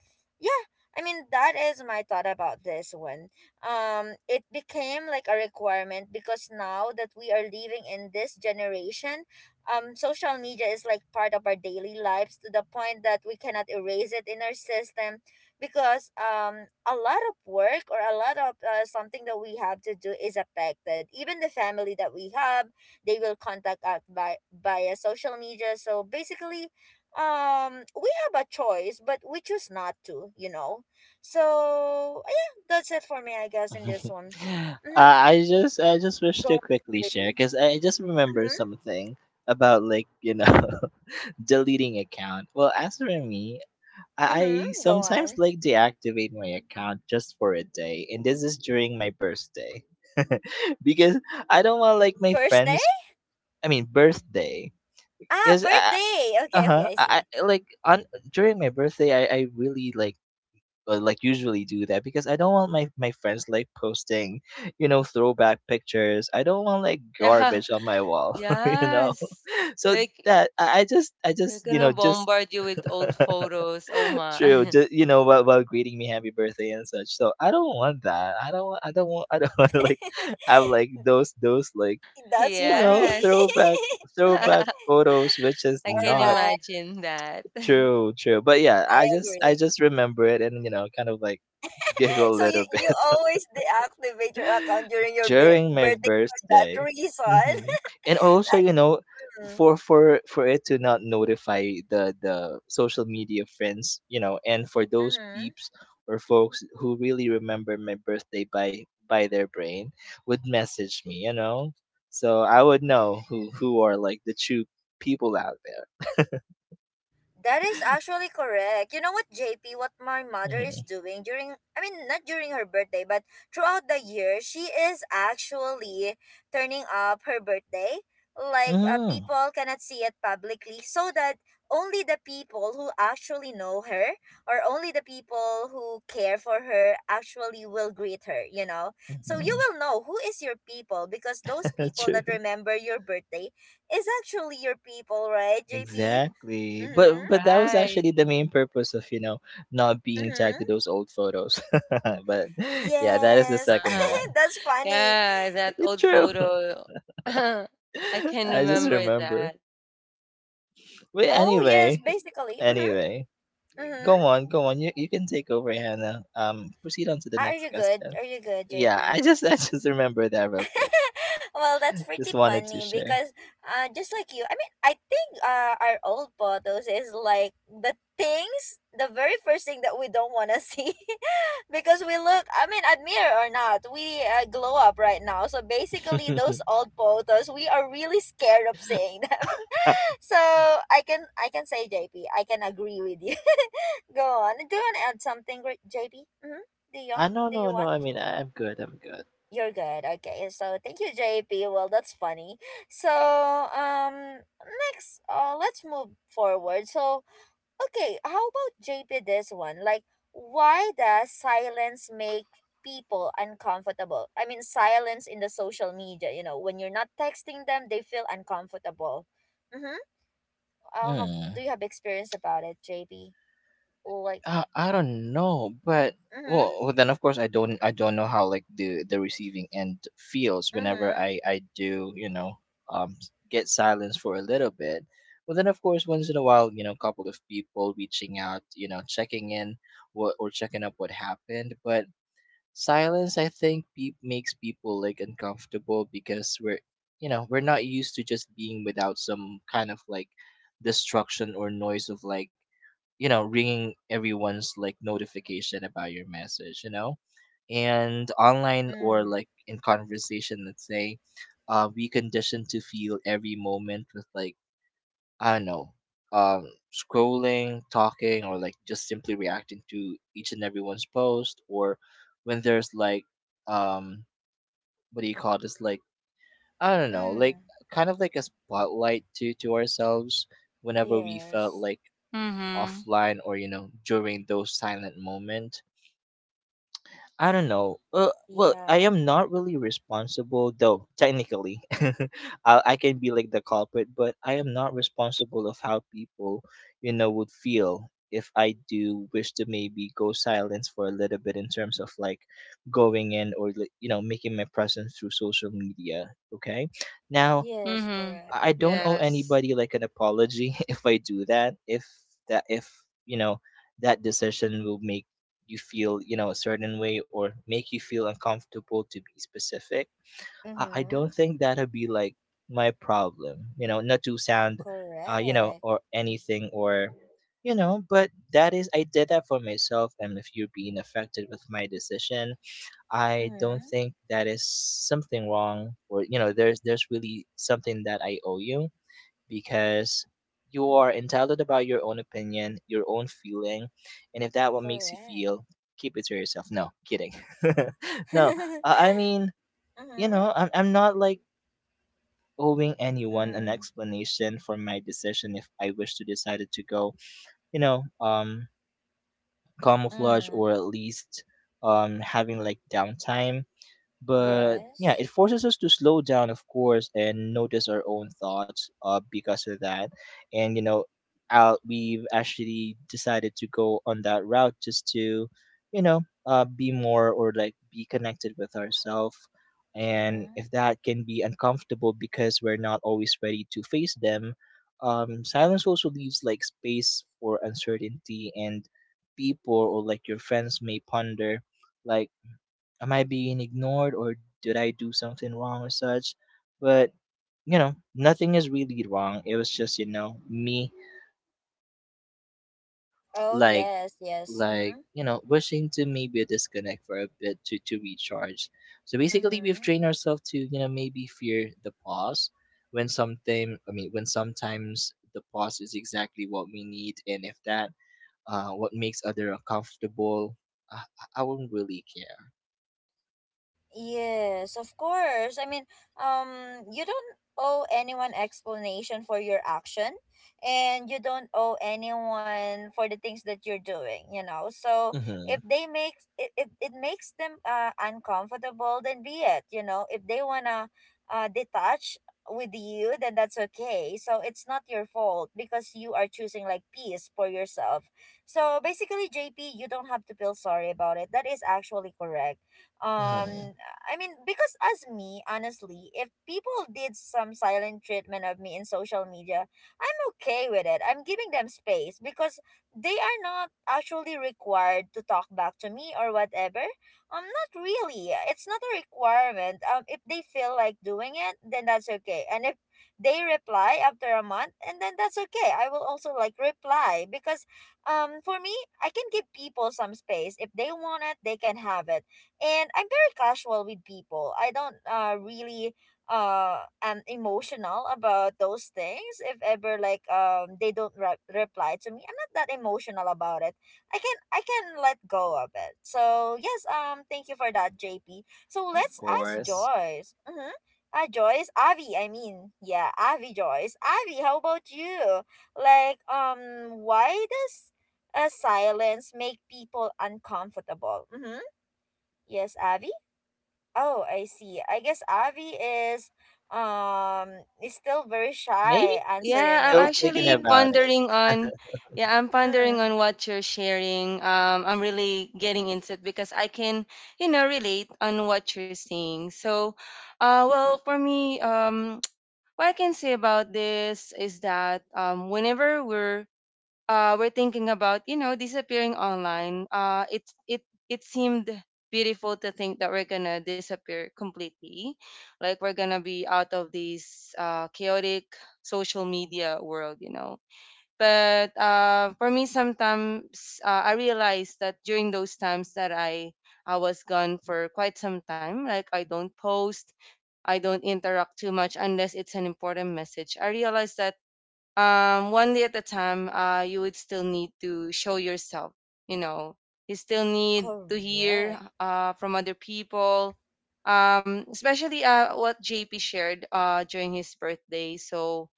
I mean, that is my thought about this one. Um, it became like a requirement because now that we are living in this generation, um, social media is like part of our daily lives to the point that we cannot erase it in our system because, um, a lot of work or a lot of uh, something that we have to do is affected. Even the family that we have, they will contact us by via social media. So basically, um we have a choice, but we choose not to, you know. So yeah, that's it for me, I guess, in this one.
uh,
Mm-hmm.
I just I just wish
Go
to
on,
quickly
J P.
share because
Mm-hmm.
I just remember something about, like, you know, deleting account. Well, as for me, I, I
Mm-hmm. Go
sometimes
on.
like deactivate my account just for a day, and this is during my birthday because I don't want like my
First day?
friends— I mean birthday—
Ah,
because uh
birthday. Okay, okay,
huh
I
I,
see.
I like on— during my birthday I I really like uh, like usually do that, because I don't want my my friends like posting, you know, throwback pictures. I don't want like
Yeah.
garbage on my wall, you know.
Yes.
So
Like
that, I, I just I
they're
just you
gonna
know, just
bombard you with old photos. Oh
true,
my.
just, you know, while, while greeting me happy birthday and such. So I don't want that. I don't wa- I don't want I don't want to like have like those those like,
That's
you
funny.
know,
Yes.
throwback—
I
throwback photos, which is
can
not
Alright,
imagine that.
true— true. But yeah,
I
I just i
agree.
just remember it and, you know, kind of like giggle a
So you
little
you
bit.
always deactivate your account during your bir-
During my
birthday for that
birthday.
reason.
Hmm. And also, you know,
Mm-hmm.
for for for it to not notify the the social media friends, you know, and for those
Mm-hmm.
peeps or folks who really remember my birthday by by their brain would message me, you know, so I would know who who are like the true people out there.
That is actually correct. You know what, J P, what my mother is
Hmm.
doing during, I mean, not during her birthday, but throughout the year, she is actually turning up her birthday. Like, uh,
Hmm.
people cannot see it publicly so that only the people who actually know her, or only the people who care for her actually, will greet her, you know? So you
Hmm.
will know who is your people because those people
True.
that remember your birthday is actually your people, right, J P?
Exactly. But
Mm-hmm.
but that was
Right.
actually the main purpose of, you know, not being tagged
Mm-hmm.
to those old photos. But yeah, that is the
Yes.
second one.
That's funny.
Yeah, that old
True.
photo. I can
I just
remember
remember.
that.
But
Oh, yes,
anyway,
basically. Mm-hmm.
anyway.
Mm-hmm.
Go on, go on. You you can take over, Hannah. Um proceed on to the
Are
next
you
question.
good? Are you good,
Yeah, I
J P?
just I just remember that real quick.
Well, that's pretty
Just wanted to
funny
share.
because, uh, just like you, I mean, I think uh, our old photos is like the things, the very first thing that we don't want to see because we look, I mean, admit it or not, we uh, glow up right now. So basically, those old photos, we are really scared of seeing them. So I can I can say, J P, I can agree with you. Go on. Do you want to add something, Gre- J P? Mm-hmm. Do you
Ah, no
do
no
you
no,
want?
I mean I, I'm good, I'm good.
You're good. Okay. So thank you, J P. Well, that's funny. So, um, next, uh, let's move forward. So okay, how about J P? This one, like, why does silence make people uncomfortable? I mean, silence in the social media. You know, when you're not texting them, they feel uncomfortable. Mm-hmm. Uh, how,
Hmm.
do you have experience about it, J B? Like,
Uh, I don't know, but,
mm-hmm,
well, well, then of course I don't— I don't know how like the the receiving end feels whenever
mm-hmm,
I I do, you know, um s- get silence for a little bit. Well, then of course once in a while, you know, a couple of people reaching out, you know, checking in what— or checking up what happened. But silence, I think, pe- makes people like uncomfortable because we're, you know, we're not used to just being without some kind of like destruction or noise of like, you know, ringing everyone's like notification about your message, you know, and online, or
mm,
like in conversation. Let's say, uh, we conditioned to feel every moment with like, I don't know, um scrolling, talking, or like just simply reacting to each and everyone's post. Or when there's like um what do you call this, like, I don't know, like
mm,
kind of like a spotlight to to ourselves whenever we felt
yes,
like
Mm-hmm.
offline, or, you know, during those silent moments. I don't know, uh, well, I
yeah,
am not really responsible, though. Technically I, I can be like the culprit, but I am not responsible of how people, you know, would feel if I do wish to maybe go silence for a little bit in terms of like going in, or like, you know, making my presence through social media. Okay, now
yes,
Mm-hmm.
correct,
I I don't owe
Yes.
anybody like an apology if I do that. If that if you know, that decision will make you feel, you know, a certain way, or make you feel uncomfortable to be specific, I, I don't
mm-hmm,
think that'll be like my problem. You know, not to sound, uh, you know,
correct,
or anything. Or, you know, but that is— I did that for myself, and if you're being affected with my decision, I don't
mm-hmm,
think that is something wrong. Or, you know, there's there's really something that I owe you, because you
mm,
are entitled about your own opinion, your own feeling, and if that what makes you
correct,
feel, keep it to yourself. No, kidding. No, uh, I
mm-hmm,
mean, you know, I'm I'm not like owing anyone an
mm,
explanation for my decision if I wish to decided to go, you know, um, camouflage,
mm,
or at least um having like downtime. But yeah,
yes,
it forces us to slow down, of course, and notice our own thoughts, uh, because of that. And, you know, out— we've actually decided to go on that route just to, you know, uh, be more, or like, be connected with ourselves. And
mm-hmm,
if that can be uncomfortable because we're not always ready to face them. Um, silence also leaves like space for uncertainty, and people, or like your friends, may ponder like, am I being ignored, or did I do something wrong, or such? But, you know, nothing is really wrong. It was just, you know, me
oh,
like—
yes, yes,
like,
mm-hmm,
you know, wishing to maybe disconnect for a bit to, to recharge. So basically we've
mm-hmm.
trained ourselves to, you know, maybe fear the pause when something— I mean, when sometimes the pause is exactly what we need. And if that, uh what makes other uncomfortable, I, I I won't really care.
Yes, of course. I mean, um, you don't owe anyone explanation for your action, and you don't owe anyone for the things that you're doing. You know, so
Mm-hmm.
if they make if, if it makes them uh uncomfortable, then be it. You know, if they wanna uh detach with you, then that's okay. So it's not your fault because you are choosing like peace for yourself. So basically, J P, you don't have to feel sorry about it. That is actually correct.
Mm-hmm.
um I mean, because as me, honestly, if people did some silent treatment of me in social media, I'm okay with it. I'm giving them space because they are not actually required to talk back to me or whatever. Um, not really. It's not a requirement. Um, if they feel like doing it, then that's okay. And if they reply after a month, and then that's okay. I will also like reply because, um, for me, I can give people some space. If they want it, they can have it, and I'm very casual with people. I don't uh really uh am emotional about those things. If ever like um they don't re- reply to me, I'm not that emotional about it. I can I can let go of it. So yes, um thank you for that, J P. So
Of
let's ask
course.
Joyce. Mm-hmm. Uh, Joyce, Avi, I mean, yeah, Avi Joyce. Avi, how about you? Like, um, why does a silence make people uncomfortable? Mm-hmm. Yes, Avi. Oh, I see. I guess Avi is um is still very
Maybe
shy
he's
answering
Yeah, I'm
still
it.
thinking
actually
about it.
pondering on, yeah, I'm pondering
Mm,
on what you're sharing. Um, I'm really getting into it because I can, you know, relate on what you're saying. So, uh, well, for me, um, what I can say about this is that, um, whenever we're uh, are thinking about, you know, disappearing online, uh, it it it seemed beautiful to think that we're gonna disappear completely, like we're gonna be out of this uh, chaotic social media world, you know. But uh, for me sometimes uh, I realized that during those times that i i was gone for quite some time, like I don't post, I don't interact too much unless it's an important message, I realized that um, one day at a time, uh, you would still need to show yourself, you know, you still need to hear
correct.
uh, from other people, um, especially uh, what J P shared uh, during his birthday. So,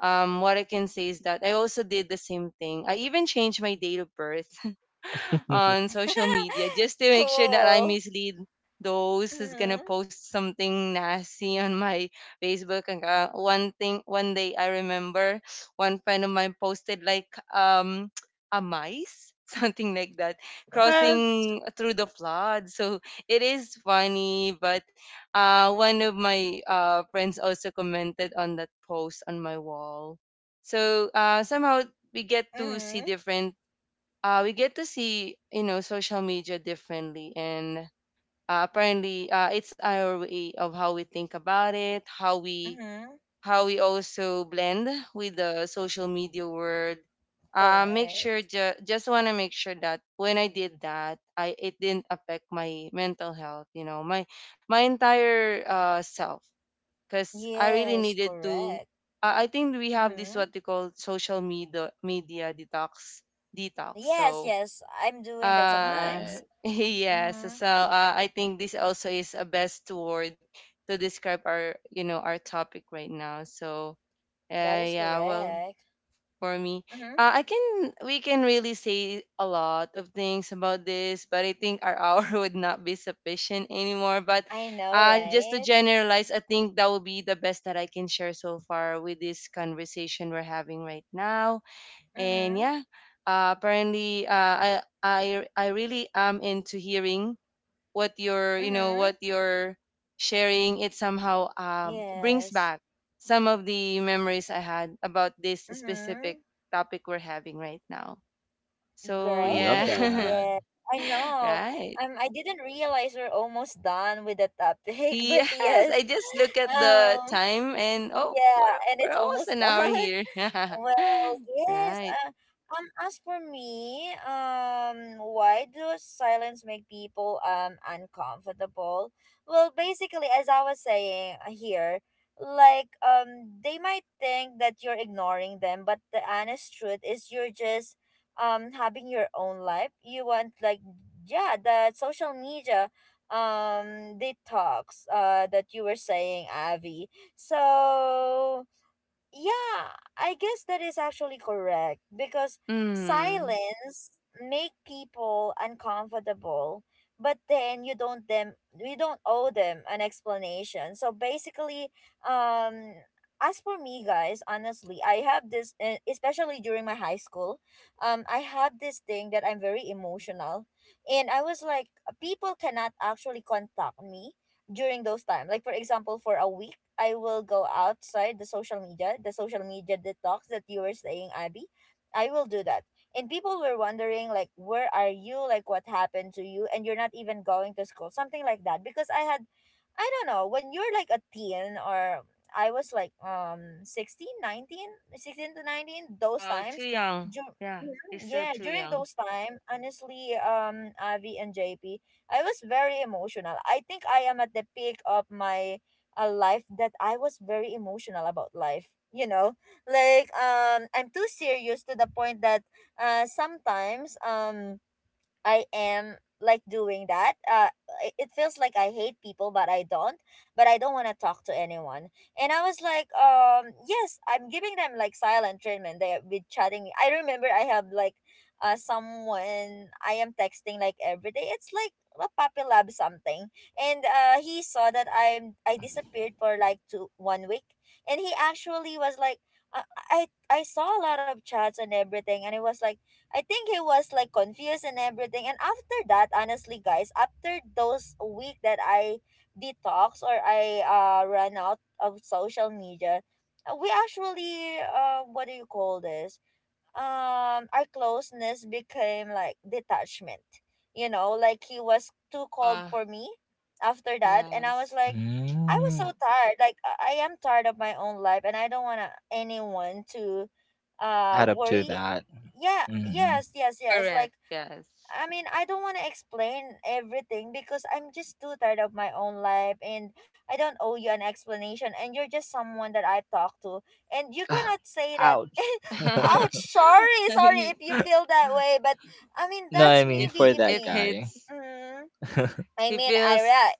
um, what I can say is that I also did the same thing. I even changed my date of birth on social media just to make sure that I
Cool.
mislead those who's gonna
Mhm.
post something nasty on my Facebook account. One thing, one day I remember one friend of mine posted like um a mice, something like that,
What?
crossing through the flood. So it is funny, but uh, one of my uh, friends also commented on that post on my wall. So uh, somehow we get to see
Mhm.
different, uh, we get to see, you know, social media differently. And uh, apparently uh, it's our way of how we think about it, how we
Mhm.
how we also blend with the social media world. Uh, make sure,
Correct.
ju- just want to make sure that when I did that, I it didn't affect my mental health, you know, my my entire uh, self, because I really
Yes,
needed to—
correct.
I i think we have this
Mhm.
what we call social media media detox detox
Yes,
so
yes. I'm doing that
uh,
sometimes.
Right.
yes.
Mhm.
So uh, I think this also is a best word to describe our, you know, our topic right now. So
That
uh,
is
yeah, well,
correct.
for me,
Mhm.
uh, I can we can really say a lot of things about this, but I think our hour would not be sufficient anymore. But
I know,
uh, just to
right?
generalize, I think that would be the best that I can share so far with this conversation we're having right now. And
Mhm.
yeah, uh, apparently, uh, I I I really am into hearing what you're, you know, what
Mhm.
you're sharing. It somehow uh, brings
Yes.
back some of the memories I had about this specific
Mhm.
topic we're having right now. So yeah,
Love
Great.
that.
Yeah. I know.
right.
Um, I didn't realize we're almost done with the topic, but
Yes, I
yes.
just look at the
Um,
time and oh,
yeah,
we're
and
we're
it's
almost
almost
an hour
done.
here.
Well, yes.
Right.
Uh, um, as for me, um, why does silence make people um uncomfortable? Well, basically, as I was saying uh, here, like um, they might think that you're ignoring them, but the honest truth is you're just um having your own life. You want like, yeah, the social media um detox uh that you were saying, Avi. So yeah, I guess that is actually correct because
Hmm.
silence make people uncomfortable, but then you don't them we don't owe them an explanation. So basically, um as for me guys, honestly, I have this uh, especially during my high school, um I have this thing that I'm very emotional, and I was like, people cannot actually contact me during those time. Like for example, for a week I will go outside the social media, the social media detox that you were saying, Abby. I will do that. And people were wondering, like, where are you? Like, what happened to you? And you're not even going to school, something like that. Because I had, I don't know, when you're like a teen, or I was like um sixteen, nineteen, sixteen to nineteen, those
Wow, too
times.
young.
dur-
Yeah, you're
Mhm.
still
Yeah,
too
during
young.
those time, honestly, um, Avi and J P, I was very emotional. I think I am at the peak of my, a life that I was very emotional about life. You know, like um, I'm too serious to the point that uh, sometimes um, I am like doing that. Uh, i- it feels like I hate people, but I don't. But I don't want to talk to anyone. And I was like, um, yes, I'm giving them like silent treatment. They with chatting. I remember I have like, uh, someone I am texting like every day. It's like a puppy lab something, and uh, he saw that I'm I disappeared for like two one week, and he actually was like. I I I saw a lot of chats and everything, and it was like, I think he was like confused and everything. And after that, honestly, guys, after those week that I detox or I uh ran out of social media, uh, we actually, uh what do you call this? Um our closeness became like detachment, you know, like he was too cold
Ah,
for me after that, and I was
yes.
like, I was
Mm.
so tired, like i I am tired of my own life, and I don't want anyone to uh
Add up to
worry.
that.
Yeah.
Mm.
Yes, yes, yes,
Correct.
like,
Yes.
I mean, I don't want to explain everything because I'm just too tired of my own life, and I don't owe you an explanation, and you're just someone that I talk to. And you
Oh,
cannot say that.
ouch.
Ouch, sorry, sorry if
He-
you feel that way. But I mean,
No, I
that's
mean
me
it
for
being
that
it
me.
guy.
hits.
Hmm. I
He
mean, Ira,
feels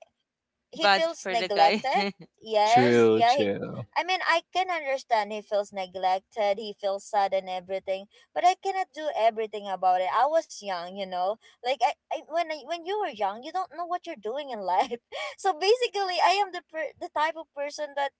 he
bad
feels
for the guy.
neglected. Yes,
True,
yeah. He,
true.
I mean, I can understand, he feels neglected. He feels sad and everything, but I cannot do everything about it. I was young, you know. Like I, I when I, when you were young, you don't know what you're doing in life. So basically, I am the per, the type of person that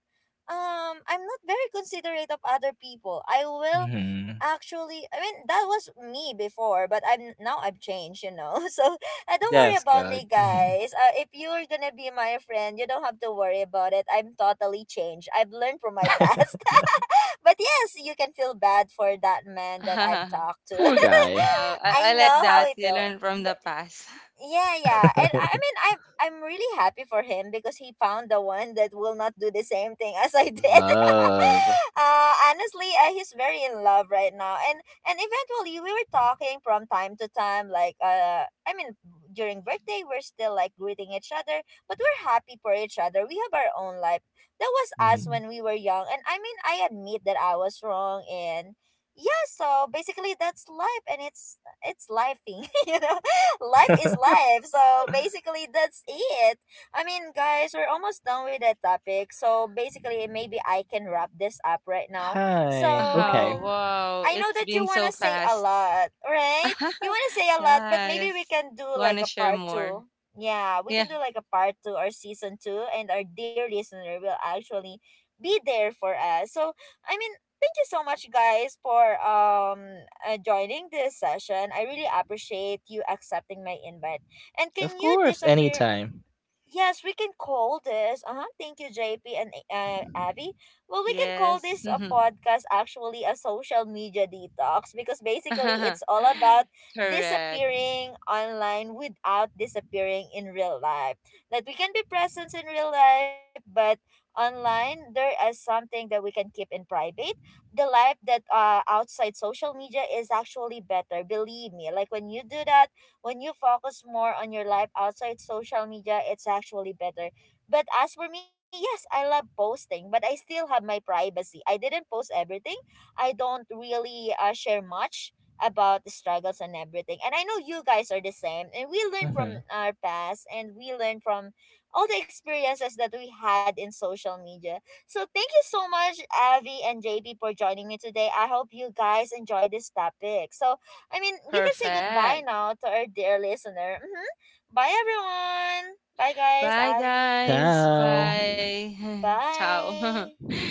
um I'm not very considerate of other people. I will
Hmm.
actually, I mean, that was me before, but I'm now, i've changed, you know. So uh, don't worry
That's
about
good.
me
Hmm.
guys, uh, if you're gonna be my friend, you don't have to worry about it. I'm totally changed. I've learned from my past. But yes, you can feel bad for that man that I've talked to.
Poor guy.
Wow, I, I
I
like
know how
that.
he
You
feel.
learn from the
But
past.
yeah, yeah. And I, I mean, I'm I'm really happy for him because he found the one that will not do the same thing as I did.
Love.
Uh honestly, uh, he's very in love right now. And and eventually we were talking from time to time, like, uh I mean, during birthday we're still like greeting each other, but we're happy for each other. We have our own life. That was us
Hmm.
when we were young. And I mean, I admit that I was wrong. And yeah, so basically that's life, and it's it's lifing, you know. Life is life. So basically, that's it. I mean, guys, we're almost done with that topic. So basically, maybe I can wrap this up right now.
Hi. Okay.
So.
Oh, wow,
I know
it's
that you
been
want
so
to say a
fast.
lot, right? You want to say a lot, but maybe we
Yes.
can do
Want
like
to
a
share
part
more?
two. Yeah, we
Yeah.
can do like a part two or season two, and our dear listener will actually be there for us. So, I mean, thank you so much, guys, for um uh, joining this session. I really appreciate you accepting my invite. And
Of
can you
course.
disappear.
Anytime.
Yes, we can call this. Uh-huh. Thank you, J P and uh, Abby. Well, we can call
Yes.
this a podcast, actually a social media detox, because basically it's all about
Correct.
disappearing online without disappearing in real life. That we can be present in real life, but online there is something that we can keep in private. The life that uh outside social media is actually better. Believe me. Like when you do that, when you focus more on your life outside social media, it's actually better. But as for me, yes, I love posting, but I still have my privacy. I didn't post everything. I don't really uh, share much about the struggles and everything. And I know you guys are the same. And we learn from
Mm-hmm.
our past, and we learn from all the experiences that we had in social media. So thank you so much, Avi and J P, for joining me today. I hope you guys enjoy this topic. So I mean, you can say goodbye
Perfect.
now to our dear listener. Hmm. Bye, everyone. Bye, guys.
Bye,
Avi.
guys.
Ciao.
Bye. Ciao. Bye
Bye.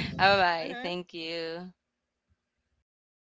bye.
Mm-hmm.
Thank you.